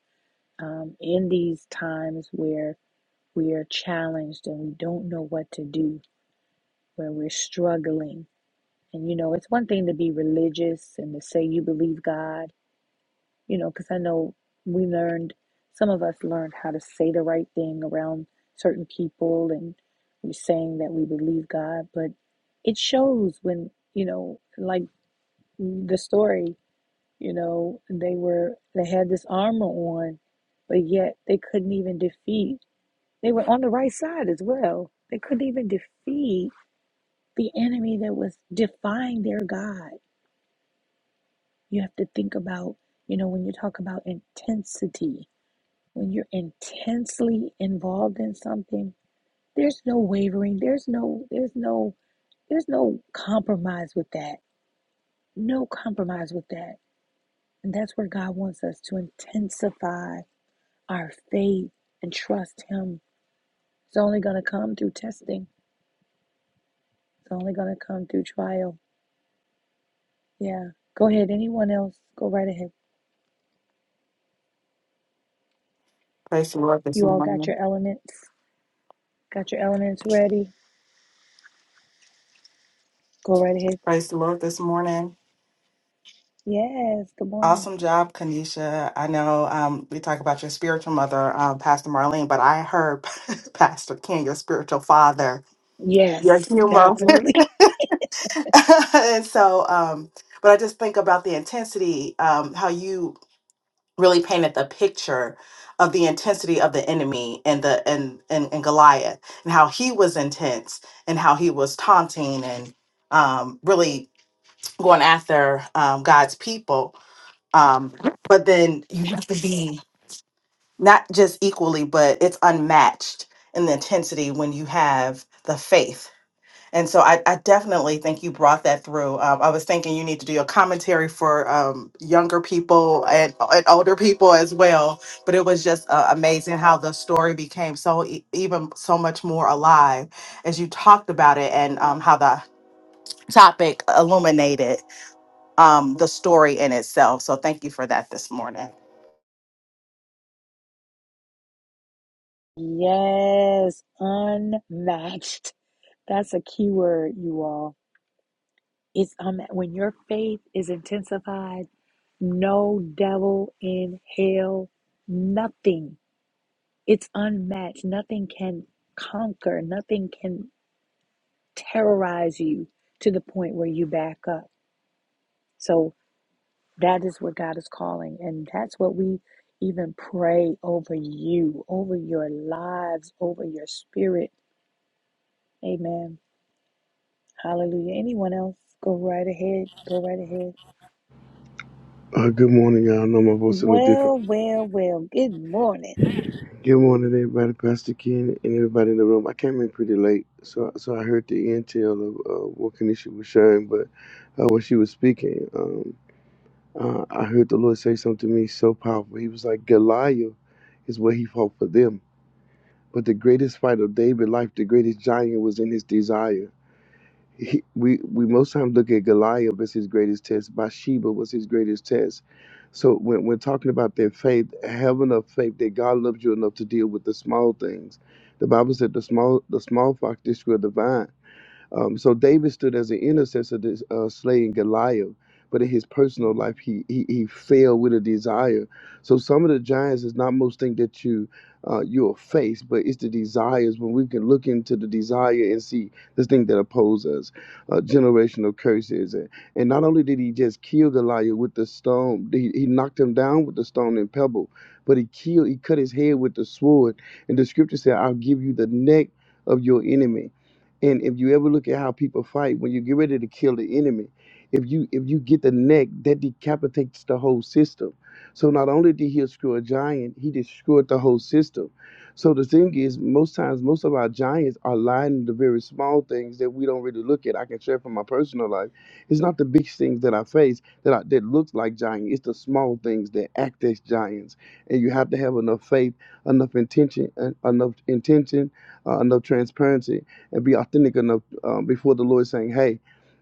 um, in these times where we are challenged and we don't know what to do when we're struggling. And you know, it's one thing to be religious and to say you believe God, you know, because I know we learned, some of us learned how to say the right thing around certain people and we're saying that we believe God, but it shows when, you know, like the story, you know, they were, they had this armor on, but yet they couldn't even defeat. They were on the right side as well. They couldn't even defeat the enemy that was defying their God. You have to think about, you know, when you talk about intensity, when you're intensely involved in something, there's no wavering, there's no, there's no, there's no compromise with that. No compromise with that. And that's where God wants us to intensify our faith and trust Him. It's only going to come through testing, it's only going to come through trial. Yeah. Go ahead. Anyone else? Go right ahead.
Praise the Lord this
You all got
morning.
your elements. Got your elements ready? Go right ahead.
Praise the Lord this morning.
Yes, good morning.
Awesome job, Kanisha. I know um, we talk about your spiritual mother, um, Pastor Marlene, but I heard Pastor King, your spiritual father, your
Yes,
humor.
definitely.
and so, um, but I just think about the intensity, um, how you really painted the picture of the intensity of the enemy and the and, and and Goliath and how he was intense and how he was taunting and um, really going after um, God's people. Um, but then you have to be not just equally, but it's unmatched in the intensity when you have the faith. And so I, I definitely think you brought that through. Um, I was thinking you need to do a commentary for um, younger people and, and older people as well. But it was just uh, amazing how the story became so e- even so much more alive as you talked about it and um, how the topic illuminated um, the story in itself. So thank you for that this morning.
Yes, unmatched. That's a key word, you all. It's um, when your faith is intensified, no devil in hell, nothing. It's unmatched. Nothing can conquer, nothing can terrorize you to the point where you back up. So. That is what God is calling. And that's what we even pray over you, over your lives, over your spirit. Amen. Hallelujah. Anyone else? Go right ahead. Go right ahead.
Uh, good morning, y'all. I know my voice is a little different.
Well, well, well. Good morning.
Good morning, everybody. Pastor Ken and everybody in the room. I came in pretty late, so so I heard the intel of uh, what Kanisha was sharing, but uh, when she was speaking, um, uh, I heard the Lord say something to me so powerful. He was like, Goliath is what he fought for them, but the greatest fight of David's life, the greatest giant, was in his desire. He, we we most times look at Goliath as his greatest test. Bathsheba was his greatest test. So when we're talking about their faith, have enough faith that God loves you enough to deal with the small things. The Bible said the small the small fox destroy the vine. Um, so David stood as an intercessor to uh, slaying Goliath, but in his personal life, he, he he failed with a desire. So some of the giants is not most thing that you uh, you'll face, but it's the desires. When we can look into the desire and see this thing that opposes us, uh, generational curses, and, and not only did he just kill Goliath with the stone, he, he knocked him down with the stone and pebble, but he killed, he cut his head with the sword. And the scripture said, "I'll give you the neck." Of your enemy, and if you ever look at how people fight, when you get ready to kill the enemy, if you if you get the neck, that decapitates the whole system. So not only did he destroy a giant, he destroyed the whole system. So the thing is, most times, most of our giants are lying in the very small things that we don't really look at. I can share from my personal life. It's not the big things that I face that I, that looks like giant. It's the small things that act as giants. And you have to have enough faith, enough intention, and enough intention, uh, enough transparency and be authentic enough um, before the Lord saying, Hey,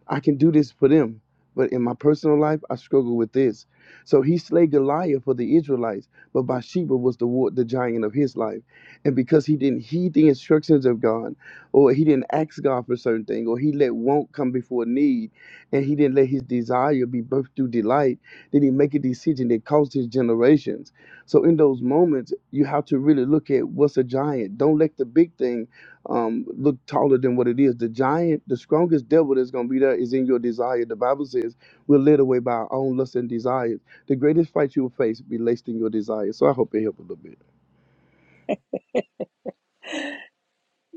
I can do this for them. But in my personal life, I struggle with this. So he slayed Goliath for the Israelites, but Bathsheba was the war, the giant of his life. And because he didn't heed the instructions of God, or he didn't ask God for certain things, or he let want come before need, and he didn't let his desire be birthed through delight, then he make a decision that cost his generations. So in those moments, you have to really look at what's a giant. Don't let the big thing um, look taller than what it is. The giant, the strongest devil that's going to be there is in your desire. The Bible says we're led away by our own lusts and desires. The greatest fight you will face relates to your desires. So I hope it helped a little bit.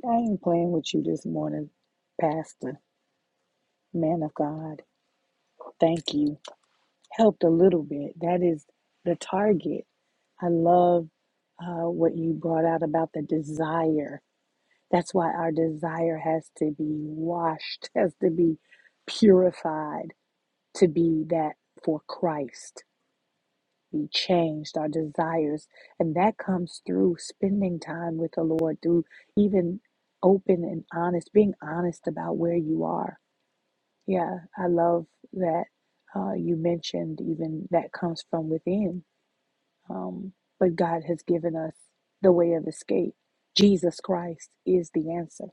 I ain't playing with you this morning, Pastor, man of God. Thank you. Helped a little bit. That is the target. I love uh, what you brought out about the desire That's why our desire has to be washed, has to be purified to be that for Christ. We changed our desires. And that comes through spending time with the Lord, through even open and honest, being honest about where you are. Yeah, I love that uh, you mentioned even that comes from within. Um, but God has given us the way of escape. Jesus Christ is the answer.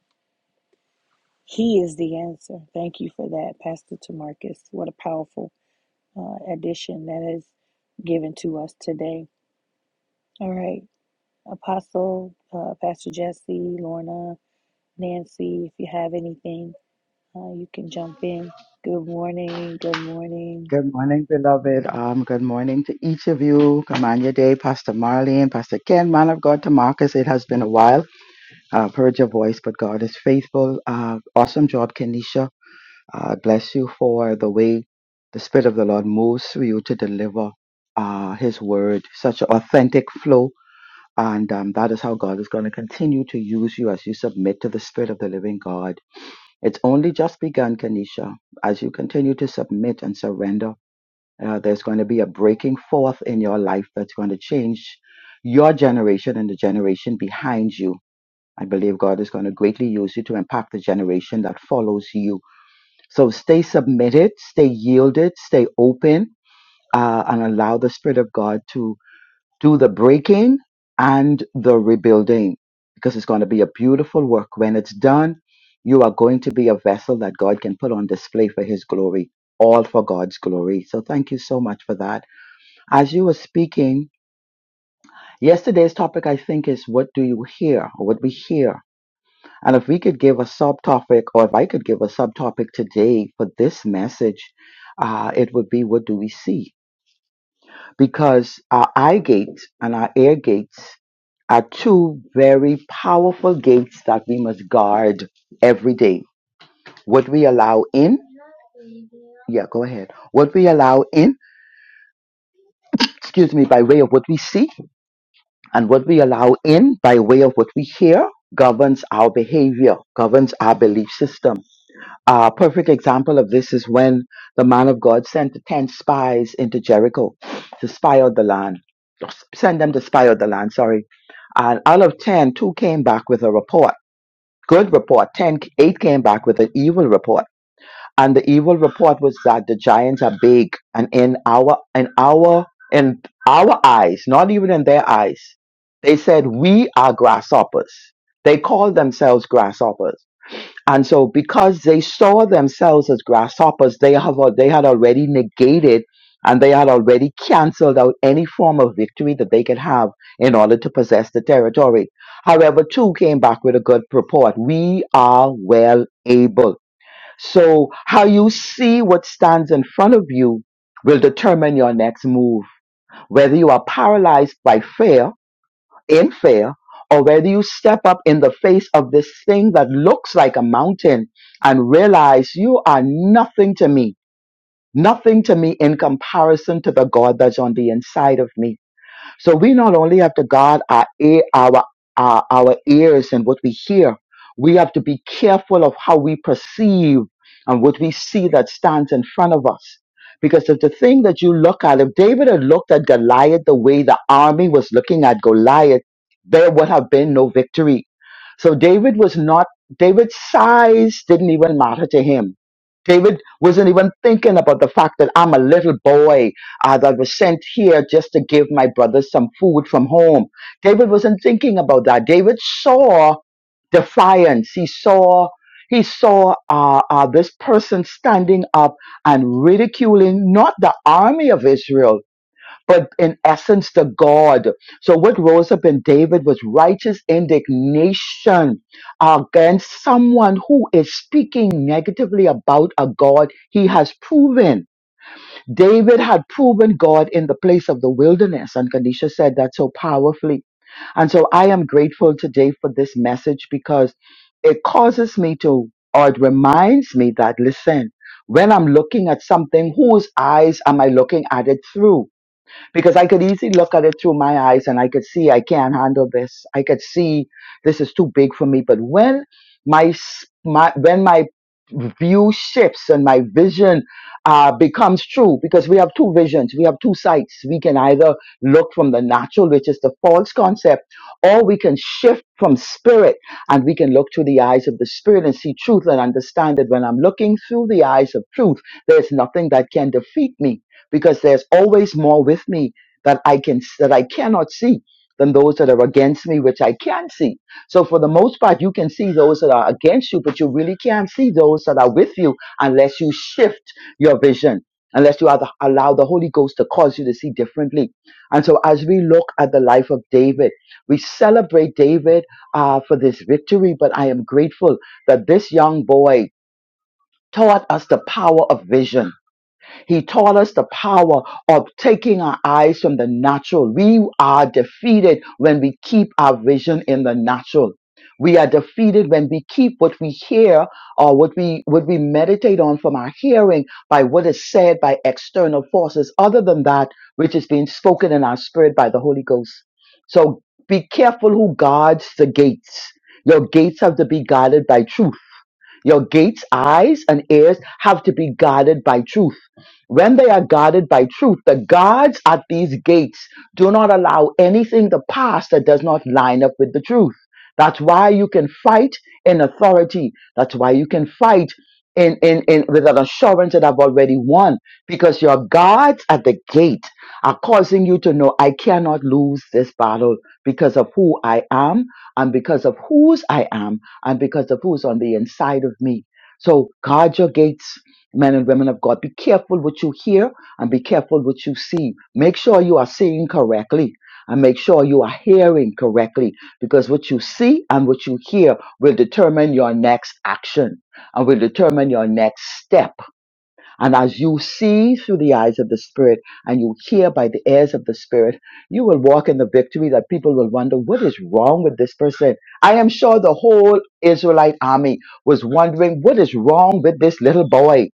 He is the answer. Thank you for that, Pastor Tamarcus. What a powerful uh, addition that is given to us today. All right, Apostle, uh, Pastor Jesse, Lorna, Nancy, if you have anything, uh, you can jump in. Good morning. Good morning.
Good morning, beloved. Um, good morning to each of you. Kamanya Day, Pastor Marlene, Pastor Ken, man of God, to Marcus. It has been a while. I've heard your voice, but God is faithful. Uh, awesome job, Kenisha. Uh, bless you for the way the Spirit of the Lord moves through you to deliver uh, His word. Such an authentic flow. And um, that is how God is going to continue to use you as you submit to the Spirit of the living God. It's only just begun, Kenisha. As you continue to submit and surrender, uh, there's going to be a breaking forth in your life that's going to change your generation and the generation behind you. I believe God is going to greatly use you to impact the generation that follows you. So stay submitted, stay yielded, stay open, uh, and allow the Spirit of God to do the breaking and the rebuilding because it's going to be a beautiful work. When it's done, you are going to be a vessel that God can put on display for His glory, all for God's glory. So thank you so much for that as you were speaking, yesterday's topic, I think, is what do you hear or what we hear? And if we could give a subtopic or if I could give a subtopic today for this message, uh, it would be what do we see? Because our eye gate and our ear gates are two very powerful gates that we must guard every day. What we allow in, yeah, go ahead. What we allow in, excuse me, by way of what we see And what we allow in by way of what we hear governs our behavior, governs our belief system. A perfect example of this is when the man of God sent the 10 spies into Jericho to spy out the land, send them to spy out the land, sorry. And out of ten, two came back with a report, good report. Ten, eight came back with an evil report and the evil report was that the giants are big and in our in our in our eyes not even in their eyes they said we are grasshoppers they called themselves grasshoppers and so because they saw themselves as grasshoppers they have al- they had already negated and they had already canceled out any form of victory that they could have in order to possess the territory. However, two came back with a good report. We are well able so, how you see what stands in front of you will determine your next move. Whether you are paralyzed by fear, in fear, or whether you step up in the face of this thing that looks like a mountain and realize you are nothing to me, nothing to me in comparison to the God that's on the inside of me. So we not only have to guard our ear, our, our our ears and what we hear. We have to be careful of how we perceive and what we see that stands in front of us. Because if the thing that you look at, if David had looked at Goliath the way the army was looking at Goliath, there would have been no victory. So David was not, David's size didn't even matter to him. David wasn't even thinking about the fact that I'm a little boy as I that was sent here just to give my brothers some food from home. David wasn't thinking about that. David saw defiance. He saw he saw uh, uh, this person standing up and ridiculing not the army of Israel, but in essence the God. So what rose up in David was righteous indignation against someone who is speaking negatively about a God he has proven. David had proven God in the place of the wilderness, and Kanisha said that so powerfully. And so I am grateful today for this message because it causes me to, or it reminds me that, listen, when I'm looking at something, whose eyes am I looking at it through? because I could easily look at it through my eyes and I could see I can't handle this. I could see this is too big for me. But when my, s- my when my view shifts and my vision uh, becomes true, because we have two visions, we have two sights. We can either look from the natural, which is the false concept, or we can shift from spirit and we can look through the eyes of the spirit and see truth and understand that when I'm looking through the eyes of truth, there's nothing that can defeat me because there's always more with me that I can that I cannot see than those that are against me, which I can see. So for the most part, you can see those that are against you, but you really can't see those that are with you unless you shift your vision, unless you allow allow the Holy Ghost to cause you to see differently. And so as we look at the life of David, we celebrate David uh, for this victory, but I am grateful that this young boy taught us the power of vision he taught us the power of taking our eyes from the natural. We are defeated when we keep our vision in the natural. We are defeated when we keep what we hear or what we what we meditate on from our hearing by what is said by external forces other than that which is being spoken in our spirit by the Holy Ghost. So be careful who guards the gates. Your gates have to be guarded by truth your gates, eyes, and ears have to be guarded by truth. When they are guarded by truth, the guards at these gates do not allow anything to pass that does not line up with the truth. That's why you can fight in authority. That's why you can fight in, in, in with an assurance that I've already won. Because your guards at the gate are causing you to know I cannot lose this battle because of who I am and because of whose I am and because of who's on the inside of me. So guard your gates, men and women of God. Be careful what you hear and be careful what you see. Make sure you are seeing correctly and make sure you are hearing correctly because what you see and what you hear will determine your next action and will determine your next step and as you see through the eyes of the Spirit and you hear by the ears of the Spirit, you will walk in the victory that people will wonder, what is wrong with this person? I am sure the whole Israelite army was wondering, what is wrong with this little boy?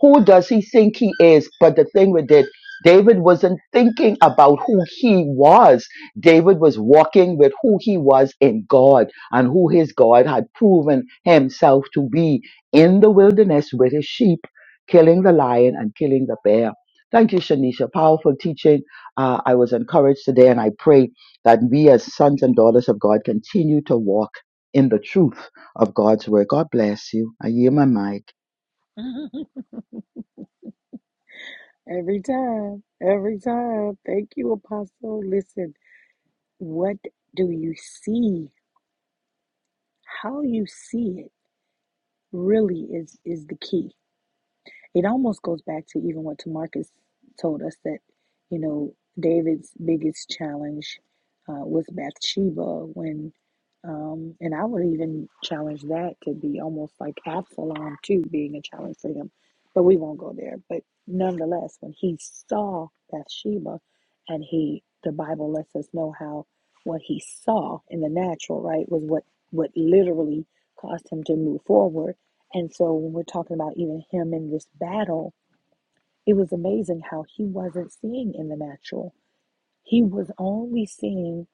Who does he think he is? But the thing with it, David wasn't thinking about who he was. David was walking with who he was in God and who his God had proven himself to be in the wilderness with his sheep killing the lion and killing the bear. Thank you, Shanisha. Powerful teaching. Uh, I was encouraged today, and I pray that we, as sons and daughters of God, continue to walk in the truth of God's word. God bless you. I yield my mic.
Every time, every time. Thank you, Apostle. Listen, what do you see? How you see it really is is the key It almost goes back to even what Tamarcus told us that, you know, David's biggest challenge uh, was Bathsheba when, um, and I would even challenge that to be almost like Absalom too being a challenge for him, but we won't go there. But nonetheless, when he saw Bathsheba, and he, the Bible lets us know how what he saw in the natural, right, was what what literally caused him to move forward and so when we're talking about even him in this battle, it was amazing how he wasn't seeing in the natural. He was only seeing,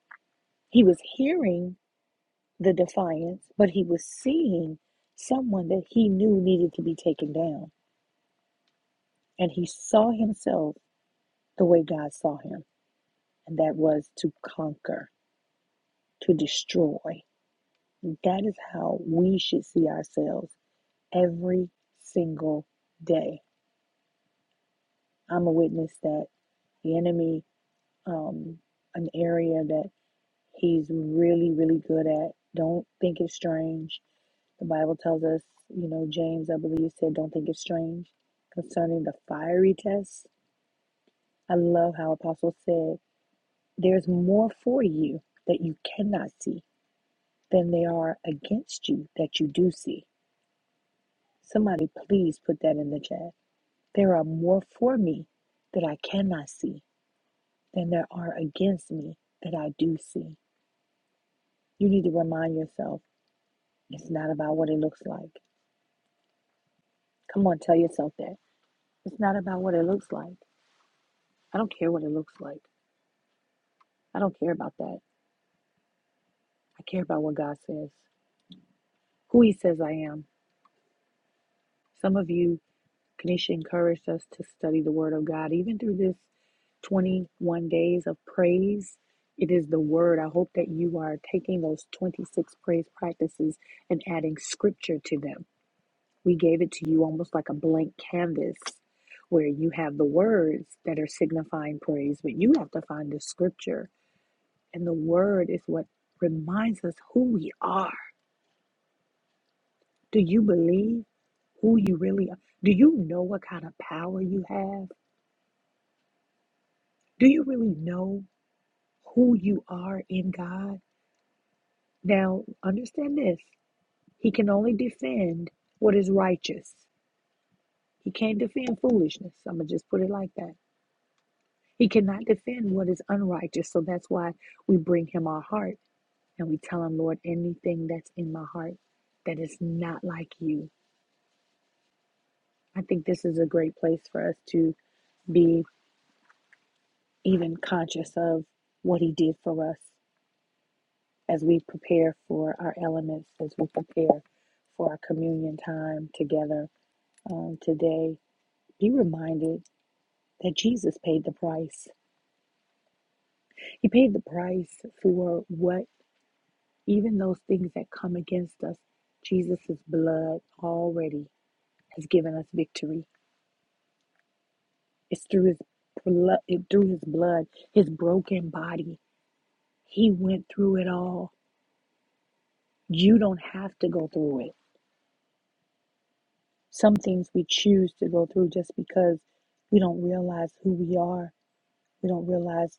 he was hearing the defiance, but he was seeing someone that he knew needed to be taken down. And he saw himself the way God saw him, and that was to conquer, to destroy. That is how we should see ourselves every single day. I'm a witness that the enemy um, an area that he's really, really good at. Don't think it's strange. The Bible tells us, you know, James, I believe, said, don't think it's strange concerning the fiery test. I love how Apostle said, there's more for you that you cannot see than there are against you that you do see. Somebody, please put that in the chat. There are more for me that I cannot see than there are against me that I do see. You need to remind yourself It's not about what it looks like. Come on, tell yourself that. It's not about what it looks like. I don't care what it looks like. I don't care about that. I care about what God says, who He says I am. Some of you, Kanisha encouraged us to study the Word of God. Even through this 21 days of praise, it is the Word. I hope that you are taking those 26 praise practices and adding scripture to them. We gave it to you almost like a blank canvas where you have the words that are signifying praise, but you have to find the scripture. And the word is what reminds us who we are. Do you believe who you really are? Do you know what kind of power you have? Do you really know who you are in God? Now, understand this He can only defend what is righteous, He can't defend foolishness. I'm going to just put it like that. He cannot defend what is unrighteous. So that's why we bring him our heart and we tell him, Lord, anything that's in my heart that is not like you. I think this is a great place for us to be even conscious of what he did for us as we prepare for our elements, as we prepare for our communion time together um, today. Be reminded that Jesus paid the price. He paid the price for what Even those things that come against us, Jesus' blood already has given us victory. It's through his blood, through his blood, his broken body. He went through it all. You don't have to go through it. Some things we choose to go through just because we don't realize who we are. We don't realize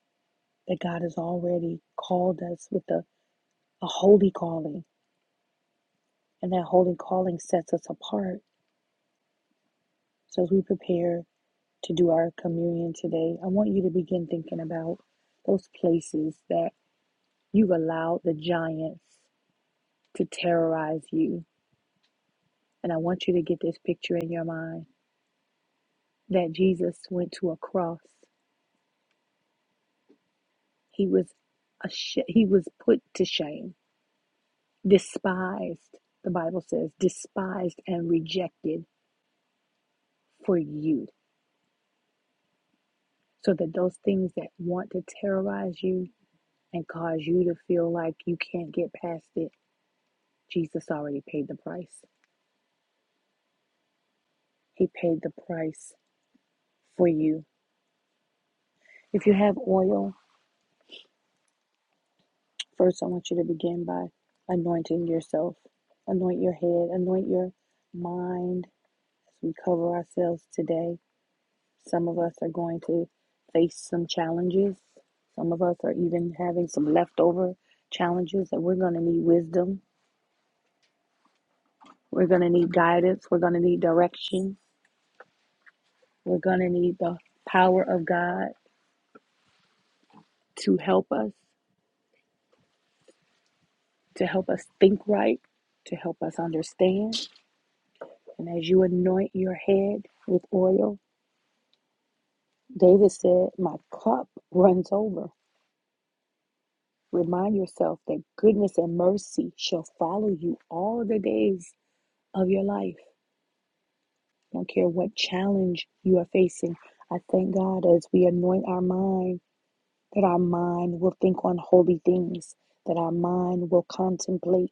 that God has already called us with a, a holy calling, and that holy calling sets us apart. So as we prepare to do our communion today, I want you to begin thinking about those places that you've allowed the giants to terrorize you. And I want you to get this picture in your mind that Jesus went to a cross. He was a sh- he was put to shame, despised. The Bible says despised and rejected for you. So that those things that want to terrorize you and cause you to feel like you can't get past it, Jesus already paid the price. He paid the price for you. If you have oil, first I want you to begin by anointing yourself. Anoint your head, anoint your mind as we cover ourselves today. Some of us are going to face some challenges. Some of us are even having some leftover challenges that we're going to need wisdom. We're going to need guidance. We're going to need direction. We're going to need the power of God to help us, to help us think right, to help us understand And as you anoint your head with oil, David said, My cup runs over. Remind yourself that goodness and mercy shall follow you all the days of your life. I don't care what challenge you are facing. I thank God as we anoint our mind that our mind will think on holy things, that our mind will contemplate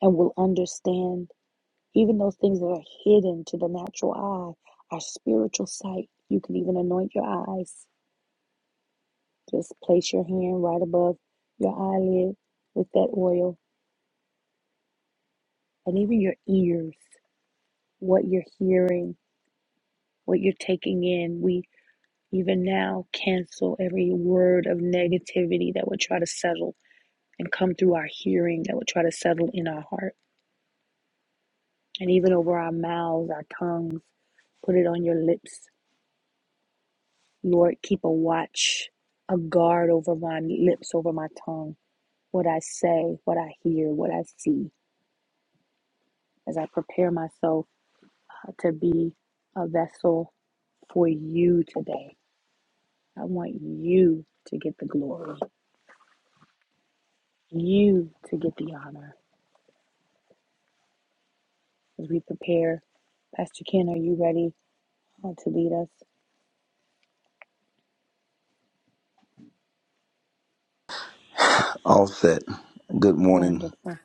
and will understand even those things that are hidden to the natural eye, our spiritual sight. You can even anoint your eyes Just place your hand right above your eyelid with that oil and even your ears, what you're hearing, what you're taking in. We even now cancel every word of negativity that would try to settle and come through our hearing, that would try to settle in our heart, and even over our mouths, our tongues. Put it on your lips. Lord, keep a watch, a guard over my lips, over my tongue, what I say, what I hear, what I see, as I prepare myself uh, to be a vessel for you today. I want you to get the glory, you to get the honor. As we prepare, Pastor Ken, are you ready uh, to lead us? Wonderful.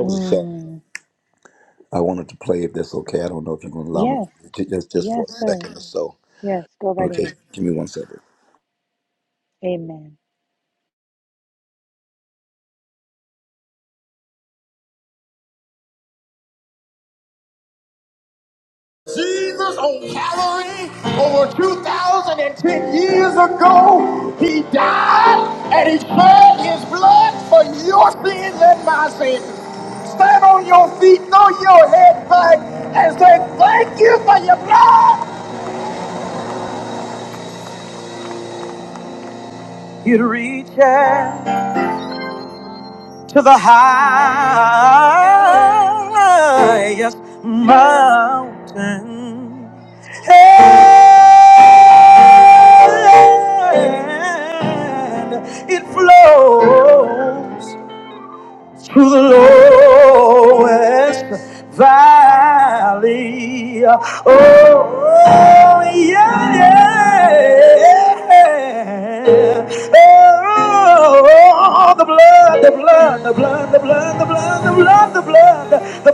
Mm, yes. Yes, sir. Yes, go right ahead. Amen.
Ten years ago, he died and he shed his blood for your sins and my sins. Stand on your feet, throw your head back, and say, Thank you for your blood. you to reach out to the highest mountain. And it flows to the lowest valley. Oh, yeah, yeah. Oh, the blood, the blood, the blood, the blood, the blood, the blood, the blood, the blood, the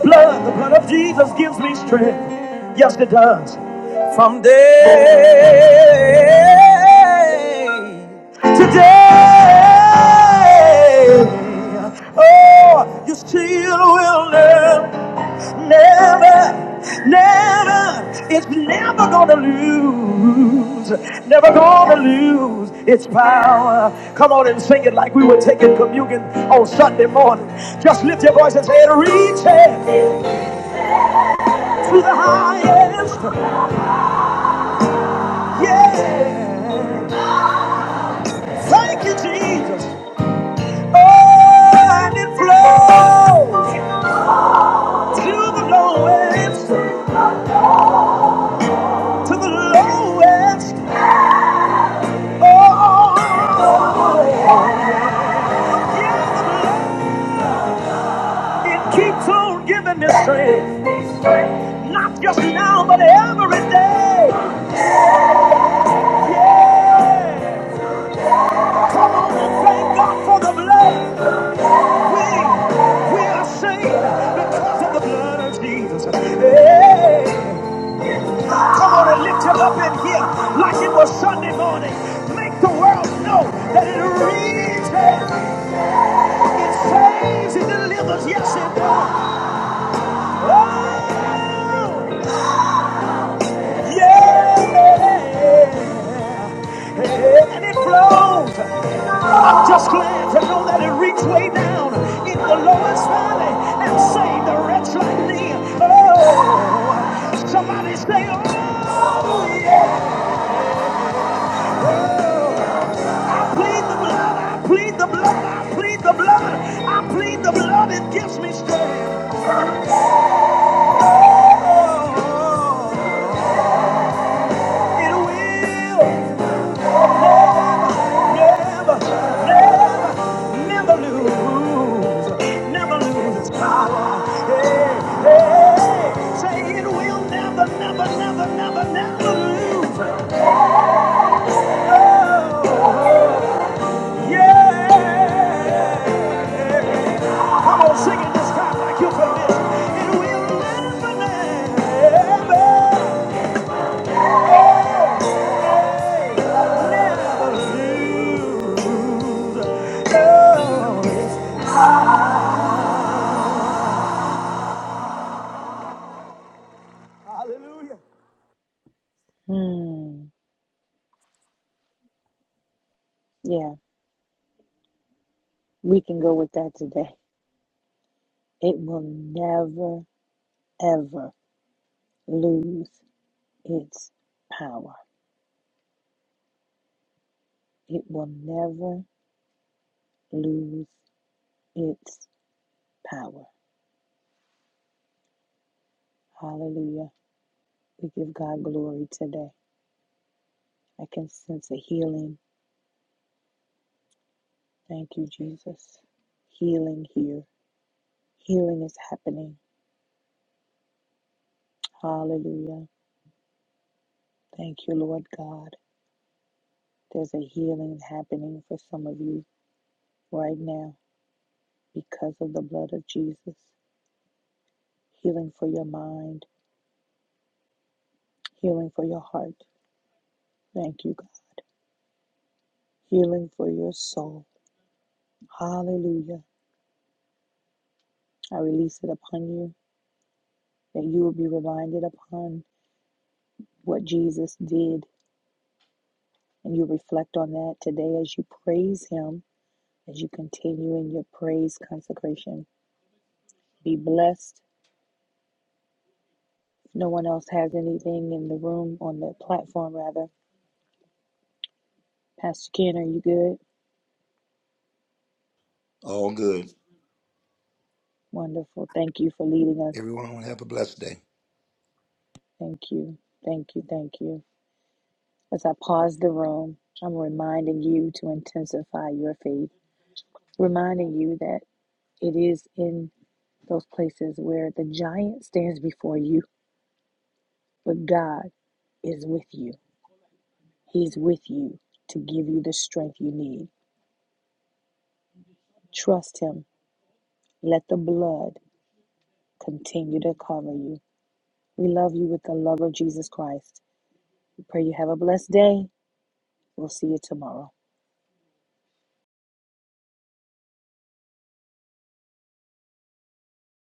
blood of Jesus gives me strength. Yes, it does. Someday, today, oh, you still will learn. Never, never, it's never gonna lose, never gonna lose its power. Come on and sing it like we were taking communion on Sunday morning. Just lift your voice and say it, reach it to the highest. Yeah. Thank you, Jesus. Oh, and it flows to the lowest, to the lowest. Oh, it keeps on giving me strength. Not just now, but every day. Yeah. Come on and thank God for the blood. We, we are saved because of the blood of Jesus. Hey. Come on and lift him up in here like it was Sunday morning. Make the world know that it reaches, it saves, it delivers. Yes, it does. Oh, yeah. And it flows. I'm just glad to know that it reached way down in the lowest valley and saved the wretch like me. Oh, somebody say, oh, yeah. plead the blood, I plead the blood, I plead the blood, I plead the blood, it gives me strength. Oh, it will never, never, never lose, never lose its power. Hey, hey, say it will never, never, never, never, never lose. Yeah, come on, sing it this time like you feel this. It will never, never. Hallelujah.
Mm, yeah, we can go with that today. It will never, ever lose its power. It will never lose its power. Hallelujah. We give God glory today. I can sense a healing. Thank you, Jesus. Healing here. Healing is happening. Hallelujah. Thank you, Lord God. There's a healing happening for some of you right now because of the blood of Jesus. Healing for your mind, healing for your heart. Thank you, God. Healing for your soul. Hallelujah. I release it upon you that you will be reminded upon what Jesus did and you reflect on that today as you praise Him, as you continue in your praise consecration. Be blessed. If no one else has anything in the room, on the platform rather, Pastor Ken, are you good? Wonderful. Thank you for leading us. Thank you. Thank you. Thank you. As I pause the room, I'm reminding you to intensify your faith, reminding you that it is in those places where the giant stands before you But God is with you. He's with you to give you the strength you need. Trust Him. Let the blood continue to cover you. We love you with the love of Jesus Christ. We pray you have a blessed day. We'll see you tomorrow.